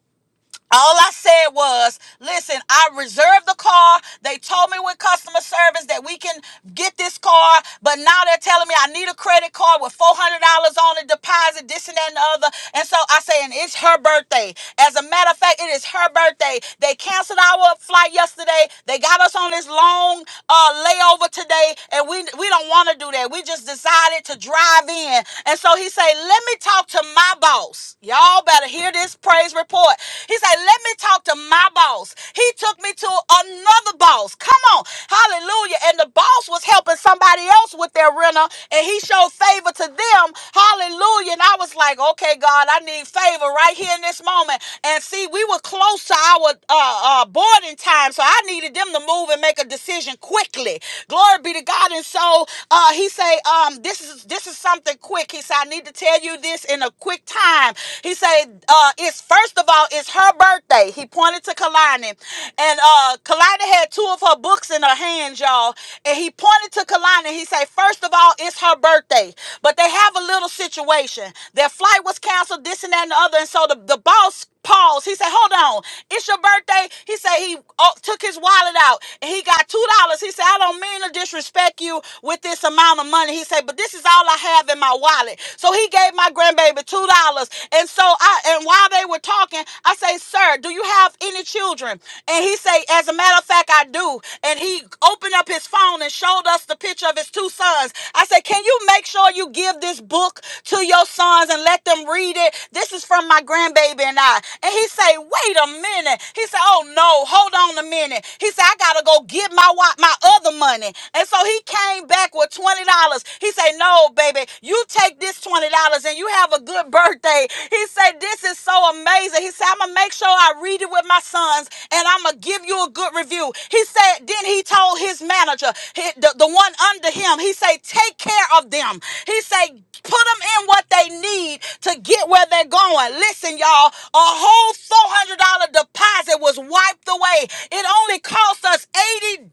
A: All I said was, listen, I reserved the car. They told me with customer service that we can get this car, but now they're telling me I need a credit card with $400 on the deposit, this and that and the other. And so I say, and it's her birthday. As a matter of fact, it is her birthday. They canceled our flight yesterday. They got us on this long uh, layover today, and we, we don't want to do that. We just decided to drive in. And so he said, let me talk to my boss. Y'all better hear this praise report. He said, Let me talk to my boss. He took me to another boss. Come on. Hallelujah. And the boss was helping somebody else with their renter, and he showed favor to them. Hallelujah. And I was like, Okay, God, I need favor right here in this moment. And see, we were close to our uh, uh, boarding time, so I needed them to move and make a decision quickly. Glory be to God. And so uh, he say, um, this is this is something quick. He said, I need to tell you this in a quick time. He said, uh, it's first of First of all, it's her birthday. He pointed to Kalani. And uh Kalani had two of her books in her hands, y'all. And he pointed to Kalani. He said, First of all, it's her birthday. But they have a little situation. Their flight was canceled, this and that and the other. And so the, the boss paused. He said, Hold on, it's your birthday. He said he uh, took his wallet out and he got two dollars. He said, I don't mean to disrespect you with this amount of money. He said, but this is all I have in my wallet. So he gave my grandbaby two dollars. And so I and while they they were talking, I say, "Sir, do you have any children?" And he say, "As a matter of fact, I do." And he opened up his phone and showed us the picture of his two sons. I said, "Can you make sure you give this book to your sons and let them read it? This is from my grandbaby and I." And he say, "Wait a minute." He said, "Oh no, hold on a minute." He said, "I gotta go get my wa- my other money." And so he came back with twenty dollars. He said, "No, baby, you take this twenty dollars and you have a good birthday." He said, "This is." is so amazing. He said, I'm going to make sure I read it with my sons and I'm going to give you a good review. He said, then he told his manager, he- the, the one under him, he said, take care of them. He said, put them in what they need to get where they're going. Listen, y'all, a whole $400 deposit was wiped away. It only cost us $80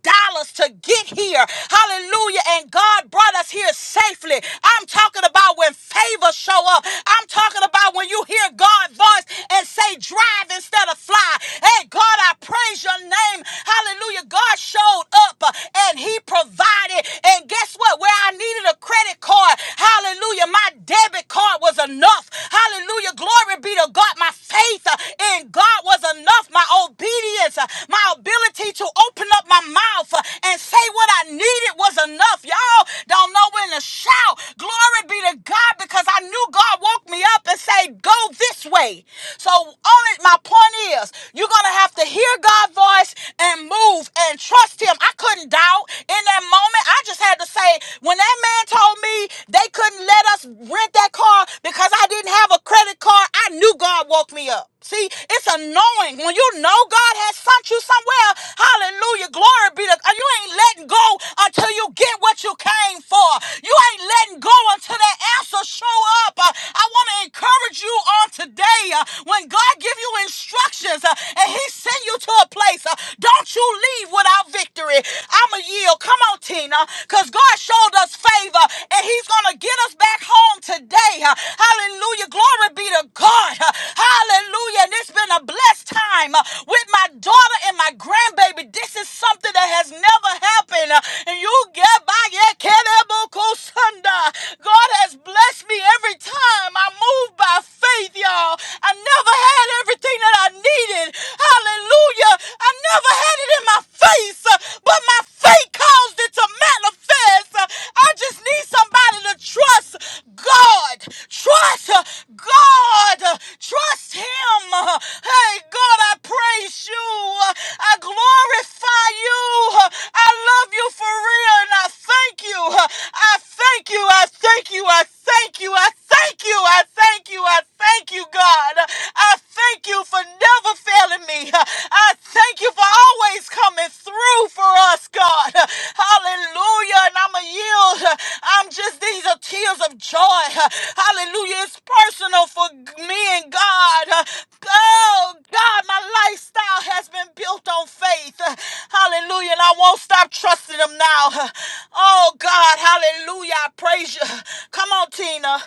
A: to get here. Hallelujah. And God brought us here safely. I'm talking about when favor show up. I'm talking about when you hear hear God's voice and say, drive instead of fly. Hey, God, I praise your name. Hallelujah. God showed up uh, and he provided. And guess what? Where I needed a credit card, hallelujah, my debit card was enough. Hallelujah. Glory be to God. My faith uh, in God was enough. My obedience, uh, my ability to open up my mouth uh, and say what I needed was enough. Y'all don't know when to shout. Glory be to God because I knew God woke me up and say, said, go this way. So all it, my point is, you're gonna have to hear God's voice and move and trust him. I couldn't doubt in that moment. I just had to say, when that man told me they couldn't let us rent that car because I didn't have a credit card, I knew God woke me up. See, it's annoying when you know God has sent you somewhere. Hallelujah. Glory be to God. You ain't letting go until you get what you came for. You ain't letting go until that answer show up. Uh, I want to encourage encourage you on today uh, when God give you instructions uh, and he send you to a place, uh, don't you leave without victory. I'm a yield. Come on, Tina, because God showed us favor and he's going to get us back home today. Uh, hallelujah. Glory be to God. Uh, hallelujah. And it's been a blessed time uh, with my daughter and my grandbaby. This is something that has never happened. Uh, and you get by your God has blessed me every time. I moved by faith, y'all. I never had everything that I needed. Hallelujah. I never had it in my face, uh, but my faith caused it to manifest. Uh, I just need somebody to trust God. Trust uh, God. Uh, Trust Him. Uh, Hey, God, I praise you. Uh, I glorify you. Uh, I love you for real, and I thank you. Uh, I thank you. I thank you. I thank you. I thank you thank you. I thank you. I thank you, God. I thank you for never failing me. I thank you for always coming through for us, God. Hallelujah. And I'm a yield. I'm just, these are tears of joy. Hallelujah. It's personal for me and God. Oh, God, my lifestyle has been built on faith. Hallelujah. And I won't stop trusting Him now. Oh, God. Hallelujah. I praise you. Come on, Tina.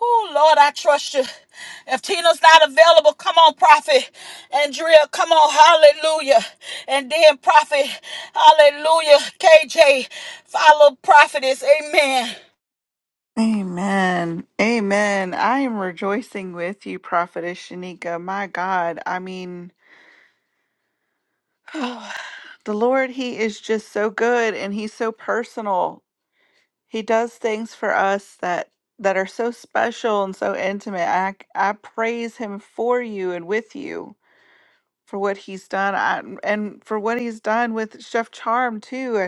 A: Oh, Lord, I trust you. If Tina's not available, come on, Prophet. Andrea, come on, hallelujah. And then Prophet, hallelujah. KJ, follow Prophetess, amen.
H: Amen. Amen. I am rejoicing with you, Prophetess Shanika. My God. I mean, oh, the Lord, He is just so good and He's so personal. He does things for us that that are so special and so intimate. I I praise Him for you and with you for what He's done I, and for what He's done with Chef Charm too.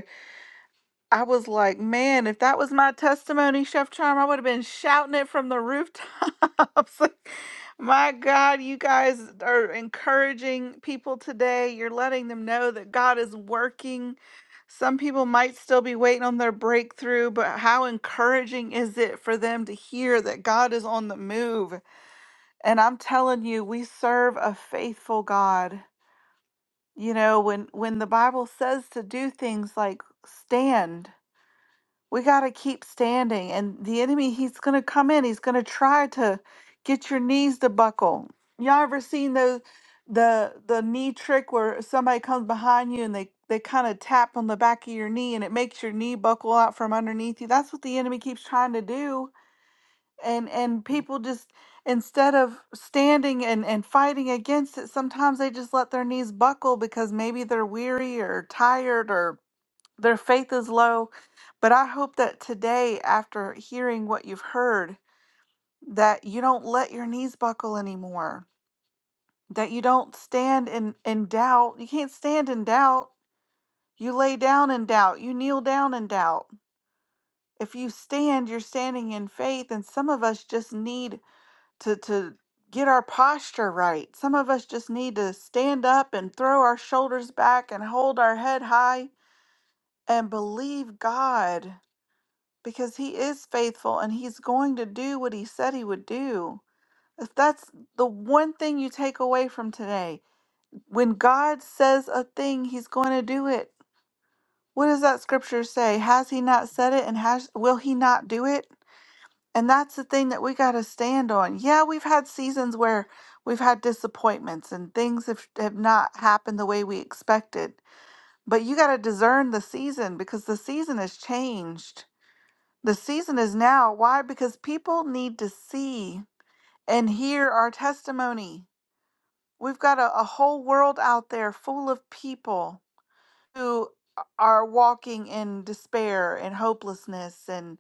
H: I was like, man, if that was my testimony, Chef Charm, I would have been shouting it from the rooftops. Like, my God, you guys are encouraging people today. You're letting them know that God is working. Some people might still be waiting on their breakthrough, but how encouraging is it for them to hear that God is on the move? And I'm telling you, we serve a faithful God. You know, when when the Bible says to do things like stand, we got to keep standing and the enemy he's going to come in he's going to try to get your knees to buckle y'all ever seen the the the knee trick where somebody comes behind you and they they kind of tap on the back of your knee and it makes your knee buckle out from underneath you that's what the enemy keeps trying to do and and people just instead of standing and and fighting against it sometimes they just let their knees buckle because maybe they're weary or tired or. Their faith is low, but I hope that today, after hearing what you've heard, that you don't let your knees buckle anymore, that you don't stand in, in doubt. You can't stand in doubt. You lay down in doubt, you kneel down in doubt. If you stand, you're standing in faith, and some of us just need to, to get our posture right. Some of us just need to stand up and throw our shoulders back and hold our head high and believe God because he is faithful and he's going to do what he said he would do. If that's the one thing you take away from today, when God says a thing, he's going to do it. What does that scripture say? Has he not said it and has will he not do it? And that's the thing that we got to stand on. Yeah, we've had seasons where we've had disappointments and things have, have not happened the way we expected. But you got to discern the season because the season has changed The season is now. Why? Because people need to see and hear our testimony. We've got a, a whole world out there full of people who are walking in despair and hopelessness and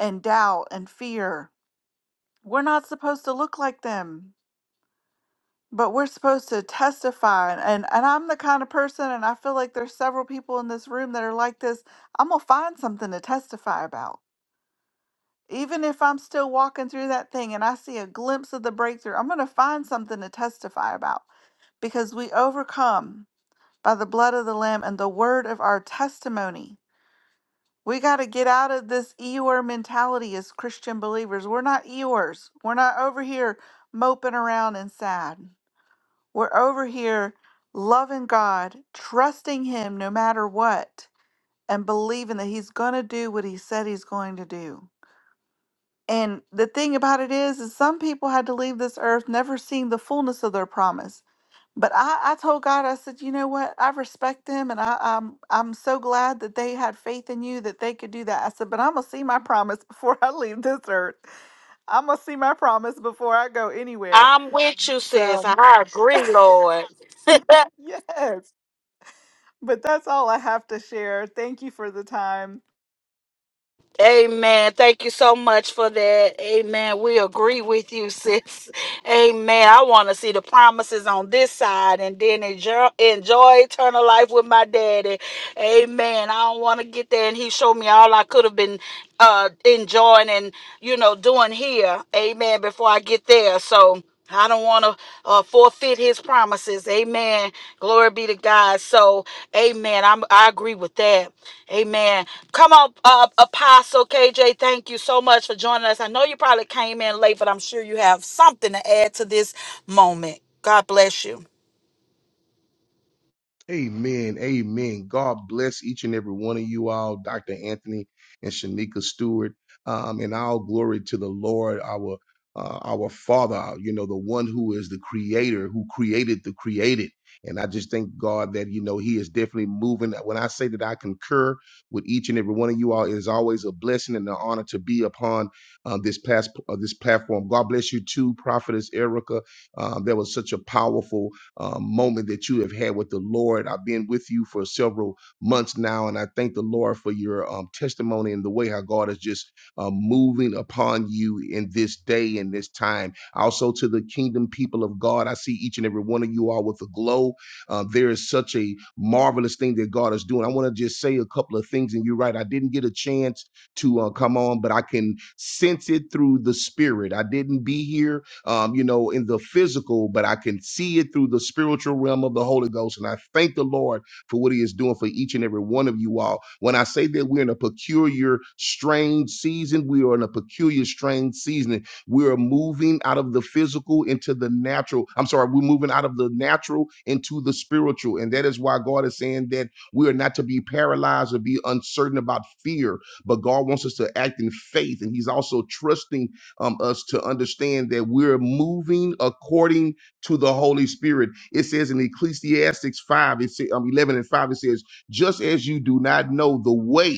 H: and doubt and fear. We're not supposed to look like them, but we're supposed to testify. And, and, and I'm the kind of person, and I feel like there's several people in this room that are like this. I'm going to find something to testify about. Even if I'm still walking through that thing and I see a glimpse of the breakthrough, I'm going to find something to testify about because we overcome by the blood of the Lamb and the word of our testimony. We got to get out of this Eeyore mentality as Christian believers. We're not Eeyores. We're not over here moping around and sad. We're over here loving God, trusting Him no matter what, and believing that He's going to do what He said He's going to do. And the thing about it is, is some people had to leave this earth never seeing the fullness of their promise. But I, I told God, I said, you know what? I respect them, and I, I'm I'm so glad that they had faith in you that they could do that. I said, but I'm gonna see my promise before I leave this earth. I'm gonna see my promise before I go anywhere.
A: I'm with you, sis.
H: So
A: I agree, Lord.
H: yes, but that's all I have to share. Thank you for the time.
A: Amen. Thank you so much for that. Amen. We agree with you, sis. Amen. I want to see the promises on this side and then enjoy, enjoy eternal life with my daddy. Amen. I don't want to get there and he showed me all I could have been uh enjoying and you know doing here. Amen. Before I get there. So I don't want to uh, forfeit his promises. Amen. Glory be to God. So, amen. I'm, I agree with that. Amen. Come on, uh, Apostle KJ. Thank you so much for joining us. I know you probably came in late, but I'm sure you have something to add to this moment. God bless you.
I: Amen. Amen. God bless each and every one of you all, Dr. Anthony and Shanika Stewart. Um, and all glory to the Lord, our uh, our Father, you know, the one who is the creator, who created the created. And I just thank God that, you know, He is definitely moving. When I say that I concur with each and every one of you all, it is always a blessing and an honor to be upon uh, this past uh, this platform. God bless you too, Prophetess Erica. Um, that was such a powerful uh, moment that you have had with the Lord. I've been with you for several months now, and I thank the Lord for your um, testimony and the way how God is just uh, moving upon you in this day and this time. Also, to the kingdom people of God, I see each and every one of you all with a glow. Uh, there is such a marvelous thing that God is doing. I want to just say a couple of things, and you're right. I didn't get a chance to uh, come on, but I can sense it through the Spirit. I didn't be here um, you know, in the physical, but I can see it through the spiritual realm of the Holy Ghost. And I thank the Lord for what He is doing for each and every one of you all. When I say that we're in a peculiar, strange season, we are in a peculiar, strange season. We are moving out of the physical into the natural. I'm sorry, we're moving out of the natural into the spiritual. And that is why God is saying that we are not to be paralyzed or be uncertain about fear, but God wants us to act in faith. And He's also trusting um, us to understand that we're moving according to the Holy Spirit. It says in Ecclesiastics 5, it says um, 11 and 5, it says, just as you do not know the way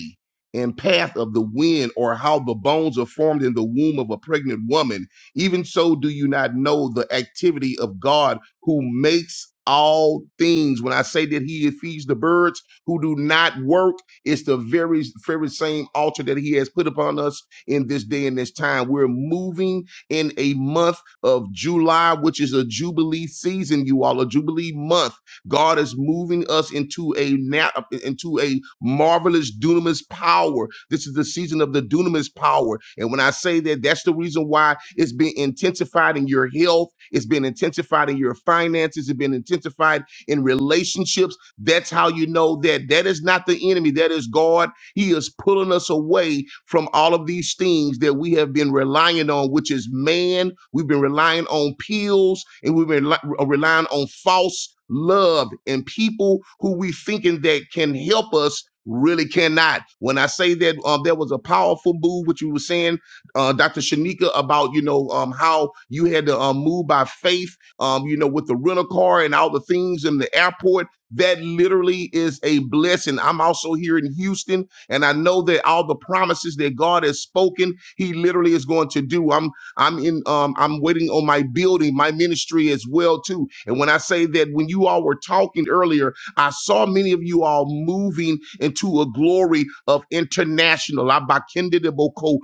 I: and path of the wind or how the bones are formed in the womb of a pregnant woman, even so do you not know the activity of God who makes all things. When I say that he feeds the birds who do not work, it's the very, very same altar that he has put upon us in this day and this time. We're moving in a month of July, which is a Jubilee season, you all, a Jubilee month. God is moving us into a na- into a marvelous dunamis power. This is the season of the dunamis power. And when I say that, that's the reason why it's been intensified in your health, it's been intensified in your finances, it's been intensified in relationships. That's how you know that that is not the enemy. That is God he is pulling us away from all of these things that we have been relying on, which is man. We've been relying on pills and we've been li- uh, relying on false love and people who we thinking that can help us really cannot. When I say that, uh, there was a powerful move, which you were saying, uh, Dr. Shanika, about, you know, um, how you had to um, move by faith, um, you know, with the rental car and all the things in the airport. That literally is a blessing. I'm also here in Houston and I know that all the promises that God has spoken, He literally is going to do. I'm I'm in um I'm waiting on my building, my ministry as well too. And when I say that when you all were talking earlier I saw many of you all moving into a glory of international. Abakendedeboko,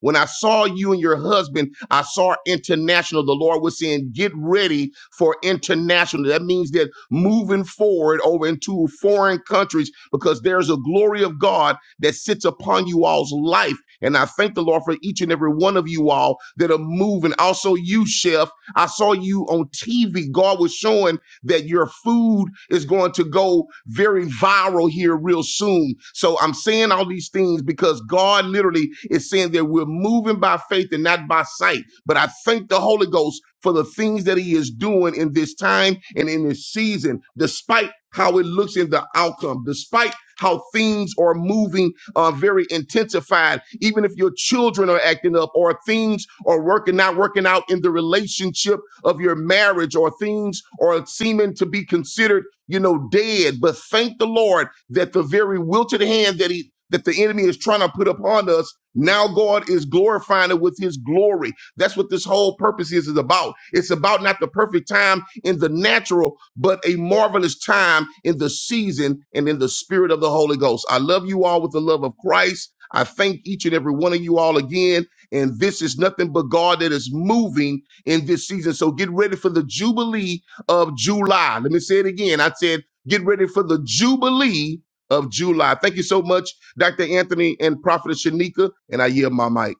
I: When I saw you and your husband, I saw international. The Lord was saying, Get ready for international. That means that moving forward over into foreign countries because there's a glory of God that sits upon you all's life. And I thank the Lord for each and every one of you all that are moving. Also, you, Chef, I saw you on TV. God was showing that your food is going to go very viral here real soon. So I'm saying all these things because God literally is saying that we're moving by faith and not by sight. But I thank the Holy Ghost for the things that He is doing in this time and in this season, despite how it looks in the outcome, despite how things are moving uh, very intensified, even if your children are acting up or things are working not working out in the relationship of your marriage or things or seeming to be considered, you know, dead. But thank the Lord that the very wilted hand that he that the enemy is trying to put upon us, now God is glorifying it with his glory. That's what this whole purpose is, is about. It's about not the perfect time in the natural, but a marvelous time in the season and in the spirit of the Holy Ghost. I love you all with the love of Christ. I thank each and every one of you all again. And this is nothing but God that is moving in this season. So get ready for the Jubilee of July. Let me say it again. I said, get ready for the Jubilee of July. Thank you so much, Dr. Anthony and Prophet Shanika. And I yield my mic.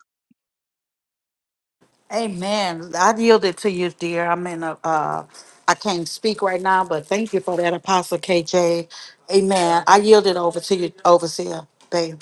A: Amen. I yielded to you, dear. I'm in a, uh, I can't speak right now, but thank you for that, Apostle KJ. Amen. I yielded over to you, Overseer. Babe.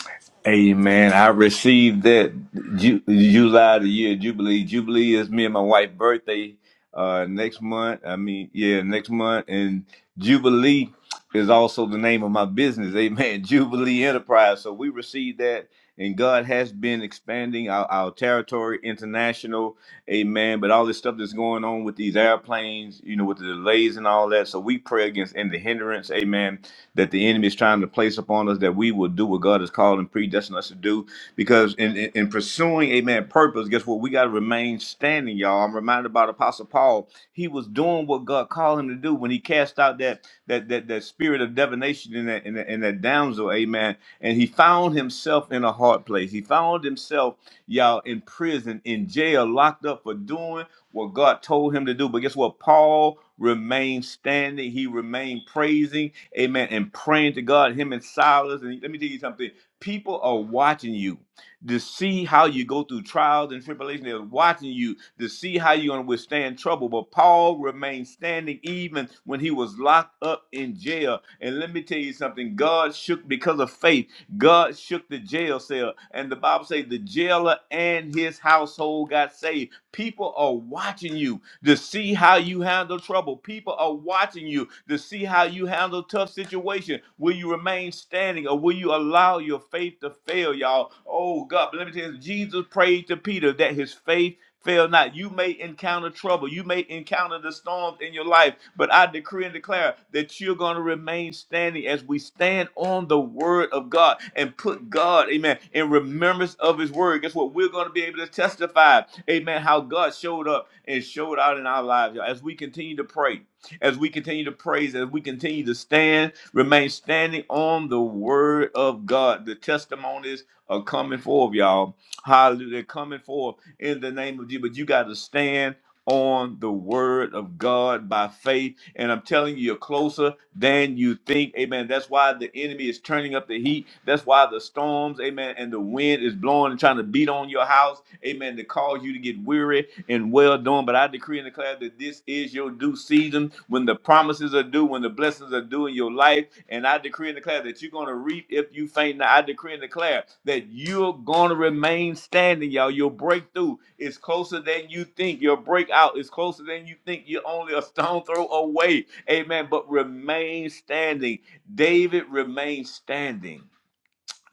B: Amen. I received that Ju- July the year Jubilee. Jubilee is me and my wife's birthday uh, next month. I mean, yeah, next month. And Jubilee is also the name of my business. Amen. Jubilee Enterprise. So we received that. And God has been expanding our, our territory international. Amen. But all this stuff that's going on with these airplanes, you know, with the delays and all that. So we pray against any hindrance. Amen that the enemy is trying to place upon us that we will do what God has called and predestined us to do. Because in, in, in pursuing, amen, purpose, guess what? We got to remain standing, y'all. I'm reminded about Apostle Paul. He was doing what God called him to do when he cast out that that that, that spirit of divination in that, in that in that damsel, amen. And he found himself in a hard place. He found himself, y'all, in prison, in jail, locked up for doing what God told him to do. But guess what? Paul remained standing. He remained praising amen, and praying to God, him and Silas. And let me tell you something people are watching you to see how you go through trials and tribulation. They're watching you to see how you're going to withstand trouble. But Paul remained standing even when he was locked up in jail. And let me tell you something God shook because of faith, God shook the jail cell. And the Bible says the jailer and his household got saved People are watching you to see how you handle trouble. People are watching you to see how you handle tough situation. Will you remain standing or will you allow your faith to fail, y'all? Oh God, but let me tell you, Jesus prayed to Peter that his faith Fail not. You may encounter trouble. You may encounter the storms in your life, but I decree and declare that you're going to remain standing as we stand on the word of God and put God, amen, in remembrance of his word. Guess what? We're going to be able to testify, amen, how God showed up and showed out in our lives y'all. as we continue to pray, as we continue to praise, as we continue to stand, remain standing on the word of God. The testimonies are coming forth, y'all. Hallelujah. They're coming forth in the name of Jesus. But you got to stand on the word of God by faith. And I'm telling you, you're closer than you think. Amen. That's why the enemy is turning up the heat. That's why the storms, amen, and the wind is blowing and trying to beat on your house. Amen. To cause you to get weary and well done. But I decree and declare that this is your due season when the promises are due, when the blessings are due in your life and I decree and declare that you're going to reap if you faint not. I decree and declare that you're going to remain standing, y'all. Your breakthrough is closer than you think. Your breakout is closer than you think. You're only a stone throw away. Amen. But remain standing. David remained standing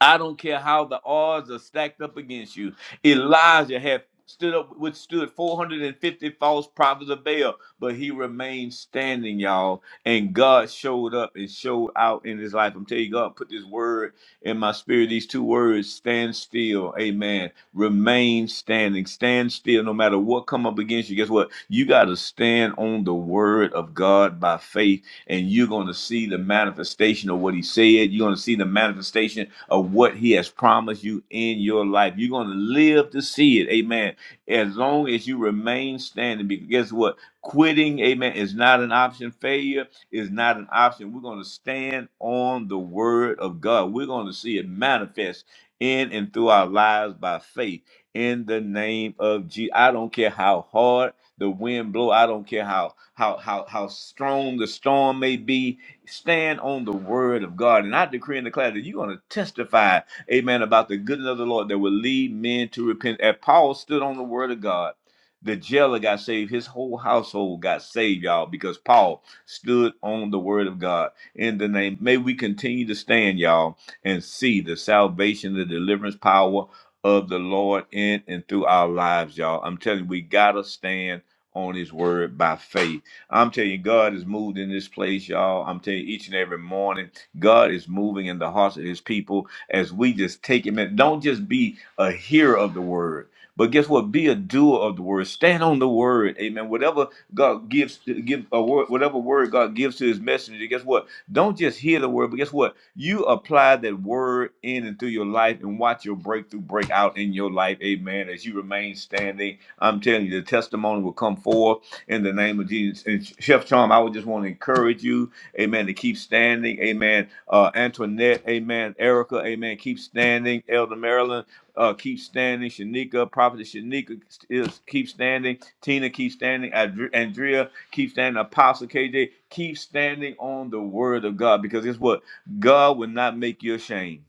B: I don't care how the odds are stacked up against you. Elijah had stood up withstood 450 false prophets of Baal, but he remained standing, y'all. And God showed up and showed out in his life. I'm telling you, God put this word in my spirit. These two words, stand still. Amen. Remain standing. Stand still. No matter what come up against you, guess what? You got to stand on the word of God by faith and you're going to see the manifestation of what he said. You're going to see the manifestation of what he has promised you in your life. You're going to live to see it. Amen. As long as you remain standing, because guess what? Quitting, amen, is not an option. Failure is not an option. We're going to stand on the word of God. We're going to see it manifest in and through our lives by faith in the name of Jesus. I don't care how hard the wind blow. I don't care how how how how strong the storm may be. Stand on the word of God, and I decree and declare that you're going to testify, Amen, about the goodness of the Lord that will lead men to repent. As Paul stood on the word of God, the jailer got saved. His whole household got saved, y'all, because Paul stood on the word of God. In the name, may we continue to stand, y'all, and see the salvation, the deliverance power of the Lord in and through our lives, y'all. I'm telling you, we gotta stand on his word by faith. I'm telling you, God is moved in this place, y'all. I'm telling you, each and every morning, God is moving in the hearts of his people as we just take him in. Don't just be a hearer of the word. But guess what? Be a doer of the word. Stand on the word. Amen. Whatever God gives, give a word, whatever word God gives to his messenger, guess what? Don't just hear the word, but guess what? You apply that word in and through your life and watch your breakthrough break out in your life. Amen. As you remain standing I'm telling you, the testimony will come forth in the name of Jesus. And Chef Charm, I would just want to encourage you, amen, to keep standing. Amen. Uh, Antoinette, amen. Erica, amen. Keep standing. Elder Marilyn, uh, keep standing. Shanika, Prophet Shanika, is, keep standing. Tina, keep standing. Adr- Andrea, keep standing. Apostle KJ, keep standing on the word of God because it's what? God will not make you ashamed.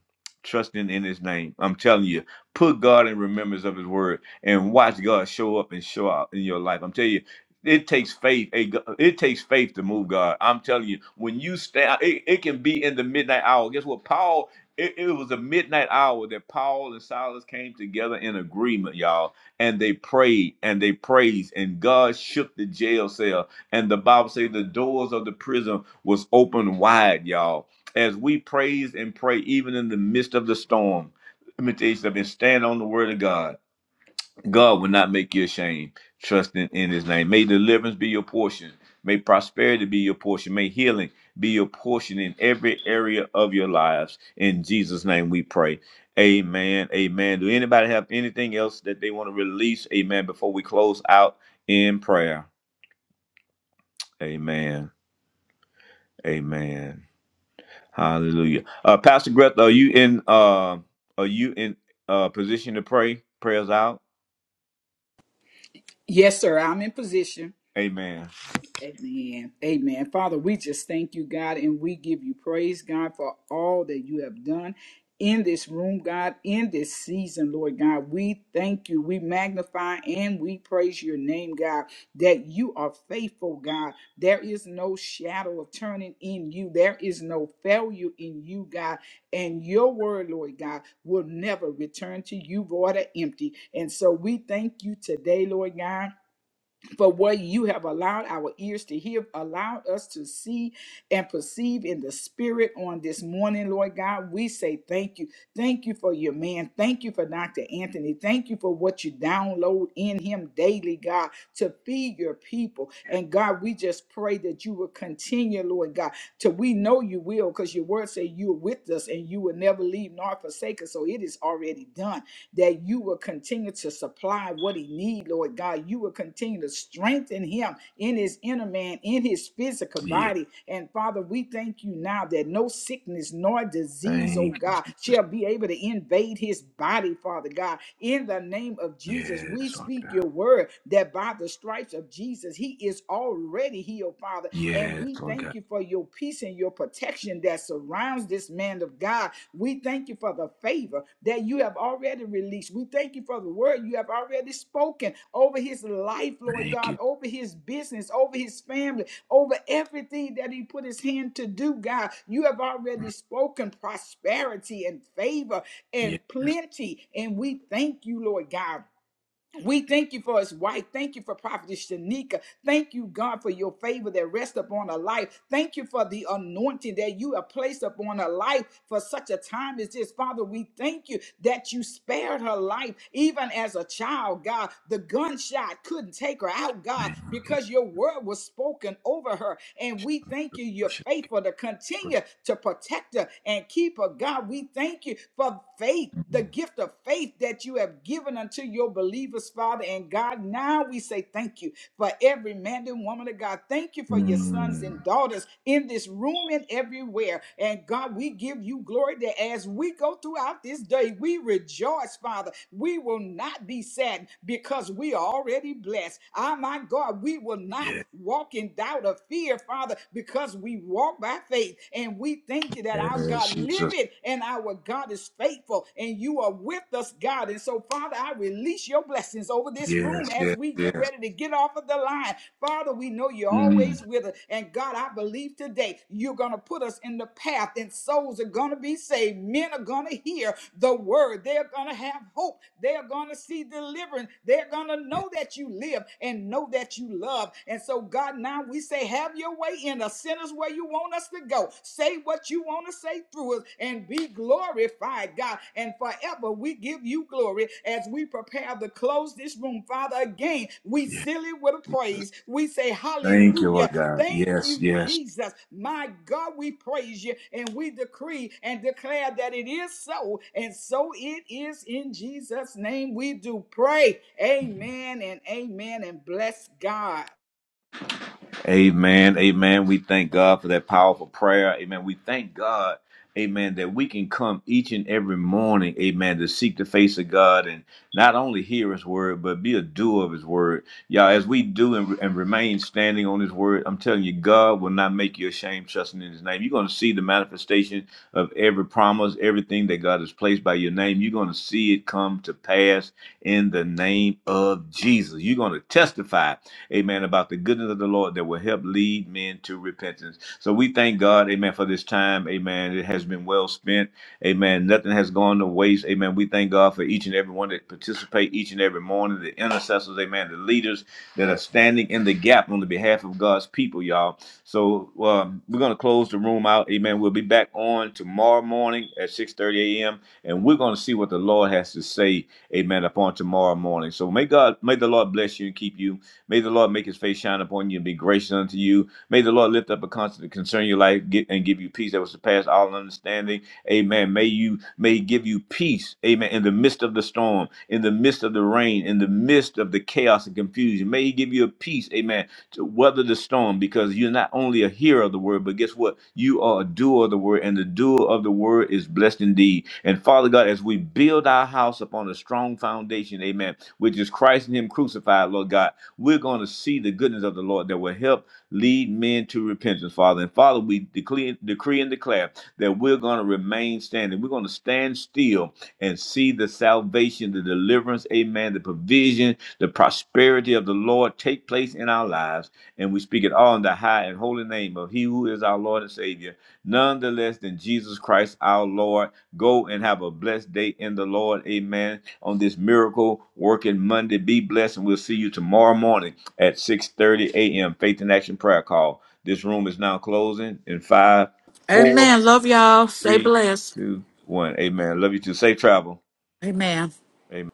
B: Trusting in his name. I'm telling you, put God in remembrance of his word and watch God show up and show out in your life. I'm telling you, it takes faith. a g- It takes faith to move God. I'm telling you, when you stand, it, it can be in the midnight hour. Guess what? Paul, it, it was a midnight hour that Paul and Silas came together in agreement, y'all, and they prayed and they praised, and God shook the jail cell. And the Bible says the doors of the prison was open wide, y'all. As we praise and pray, even in the midst of the storm, let me tell you something, stand on the word of God God will not make you ashamed. Trusting in his name. May deliverance be your portion. May prosperity be your portion. May healing be your portion in every area of your lives. In Jesus' name we pray. Amen. Amen. Do anybody have anything else that they want to release? Amen. Before we close out in prayer. Amen. Amen. Hallelujah. Uh Pastor Greta, are you in uh are you in uh position to pray? Prayers out?
D: Yes, sir. I'm in position.
B: Amen.
D: Amen. Amen. Father, we just thank you, God, and we give you praise, God, for all that you have done in this room, God, in this season, Lord God. We thank you. We magnify and we praise your name, God, that you are faithful, God. There is no shadow of turning in you, there is no failure in you, God. And your word, Lord God, will never return to you void or empty. And so we thank you today, Lord God for what you have allowed our ears to hear, allowed us to see and perceive in the spirit on this morning, Lord God. We say thank you. Thank you for your man. Thank you for Dr. Anthony. Thank you for what you download in him daily, God, to feed your people. And God, we just pray that you will continue, Lord God, till we know you will, because your word say you're with us and you will never leave nor forsake us. So it is already done that you will continue to supply what he need, Lord God. You will continue to strengthen him in his inner man, in his physical
B: Yeah.
D: body. And Father, we thank you now that no sickness nor disease, oh
B: Thank you,
D: God,
B: Jesus.
D: shall be able to invade his body, Father God. In the name of Jesus, we
B: Yes, Lord
D: speak
B: God.
D: your word that by the stripes of Jesus, he is already healed, Father. And
B: Yes,
D: we
B: Lord
D: thank
B: God.
D: you for your peace and your protection that surrounds this man of God. We thank you for the favor that you have already released. We thank you for the word you have already spoken over his life, Lord
B: Thank
D: God,
B: you.
D: over his business, over his family, over everything that he put his hand to do, God. You have already
B: Mm,
D: spoken prosperity and favor and
B: Yes,
D: plenty. And we thank you, Lord God. We thank you for his wife. Thank you for Prophetess Shanika. Thank you, God, for your favor that rests upon her life. Thank you for the anointing that you have placed upon her life for such a time as this. Father, we thank you that you spared her life even as a child, God. The gunshot couldn't take her out, God,
B: thank you.
D: because your word was spoken over her. And we thank you, you're
B: Worship
D: faithful to
B: you.
D: continue to protect her and keep her, God. We thank you for faith the
B: Mm.
D: gift of faith that you have given unto your believers, Father. And God, now we say thank you for every man and woman of God. Thank you for your sons and
B: Mm.
D: daughters in this room and everywhere. And God, we give you glory that as we go throughout this day, we rejoice, Father. We will not be sad because we are already blessed. Ah, my God, we will not
B: Yes,
D: walk in doubt or fear, Father, because we walk by faith and we thank you that our
B: yes,
D: God
B: Jesus.
D: liveth and our God is faithful and you are with us us, God. And so, Father, I release your blessings over this room
B: Yes,
D: as
B: yes,
D: we get
B: yes.
D: ready to get off of the line. Father, we know you're
B: Mm.
D: always with us. And God, I believe today you're going to put us in the path, and souls are going to be saved. Men are going to hear the word. They're going to have hope. They're going to see deliverance. They're going to know that you live and know that you love. And so, God, now we say, have your way in us. Send us where you want us to go. Say say what you want to say through us and be glorified, God. And forever we give you glory as we prepare to close this room. Father, again, we
B: Yes.
D: seal it with a praise. We say
B: Thank you, Lord
D: hallelujah.
B: God.
D: Thank
B: Yes,
D: you,
B: yes,
D: Jesus. My God, we praise you and we decree and declare that it is so. And so it is in Jesus' name we do pray. Amen and amen and bless God.
B: Amen. Amen. We thank God for that powerful prayer. Amen. We thank God. Amen. That we can come each and every morning, amen, to seek the face of God and not only hear his word, but be a doer of his word. Y'all, as we do and, and remain standing on his word, I'm telling you, God will not make you ashamed trusting in his name. You're going to see the manifestation of every promise, everything that God has placed by your name. You're going to see it come to pass in the name of Jesus. You're going to testify amen, about the goodness of the Lord that will help lead men to repentance. So we thank God, amen, for this time, amen. It has been well spent, amen. Nothing has gone to waste, amen. We thank God for each and every one that participate each and every morning, the intercessors, amen, the leaders that are standing in the gap on the behalf of God's people, y'all. So um, we're going to close the room out, amen. We'll be back on tomorrow morning at 6.30 a.m., and we're going to see what the Lord has to say, amen, upon tomorrow morning. So may God, may the Lord bless you and keep you. May the Lord make his face shine upon you and be gracious unto you. May the Lord lift up a constant concern in your life get, and give you peace that will surpass all understanding. Amen. May you may he give you peace. Amen. In the midst of the storm, in the midst of the rain, in the midst of the chaos and confusion. May he give you a peace. Amen. To weather the storm because you're not only a hearer of the word, but guess what? You are a doer of the word, and the doer of the word is blessed indeed. And Father God, as we build our house upon a strong foundation, amen, which is Christ and Him crucified, Lord God. We're going to see the goodness of the Lord that will help lead men to repentance, Father. And Father, we decree, decree and declare that we're going to remain standing. We're going to stand still and see the salvation, the deliverance, amen, the provision, the prosperity of the Lord take place in our lives. And we speak it all in the high and holy name of He who is our Lord and Savior, none the less than Jesus Christ our Lord. Go and have a blessed day in the Lord. Amen on this miracle working Monday. Be blessed, and we'll see you tomorrow morning at 6:30 a.m. Faith in Action Prayer Call. This room is now closing in five, four,
A: Love y'all.
B: three, two, one. Amen. Love you too. Safe travel.
A: Amen.
B: Amen.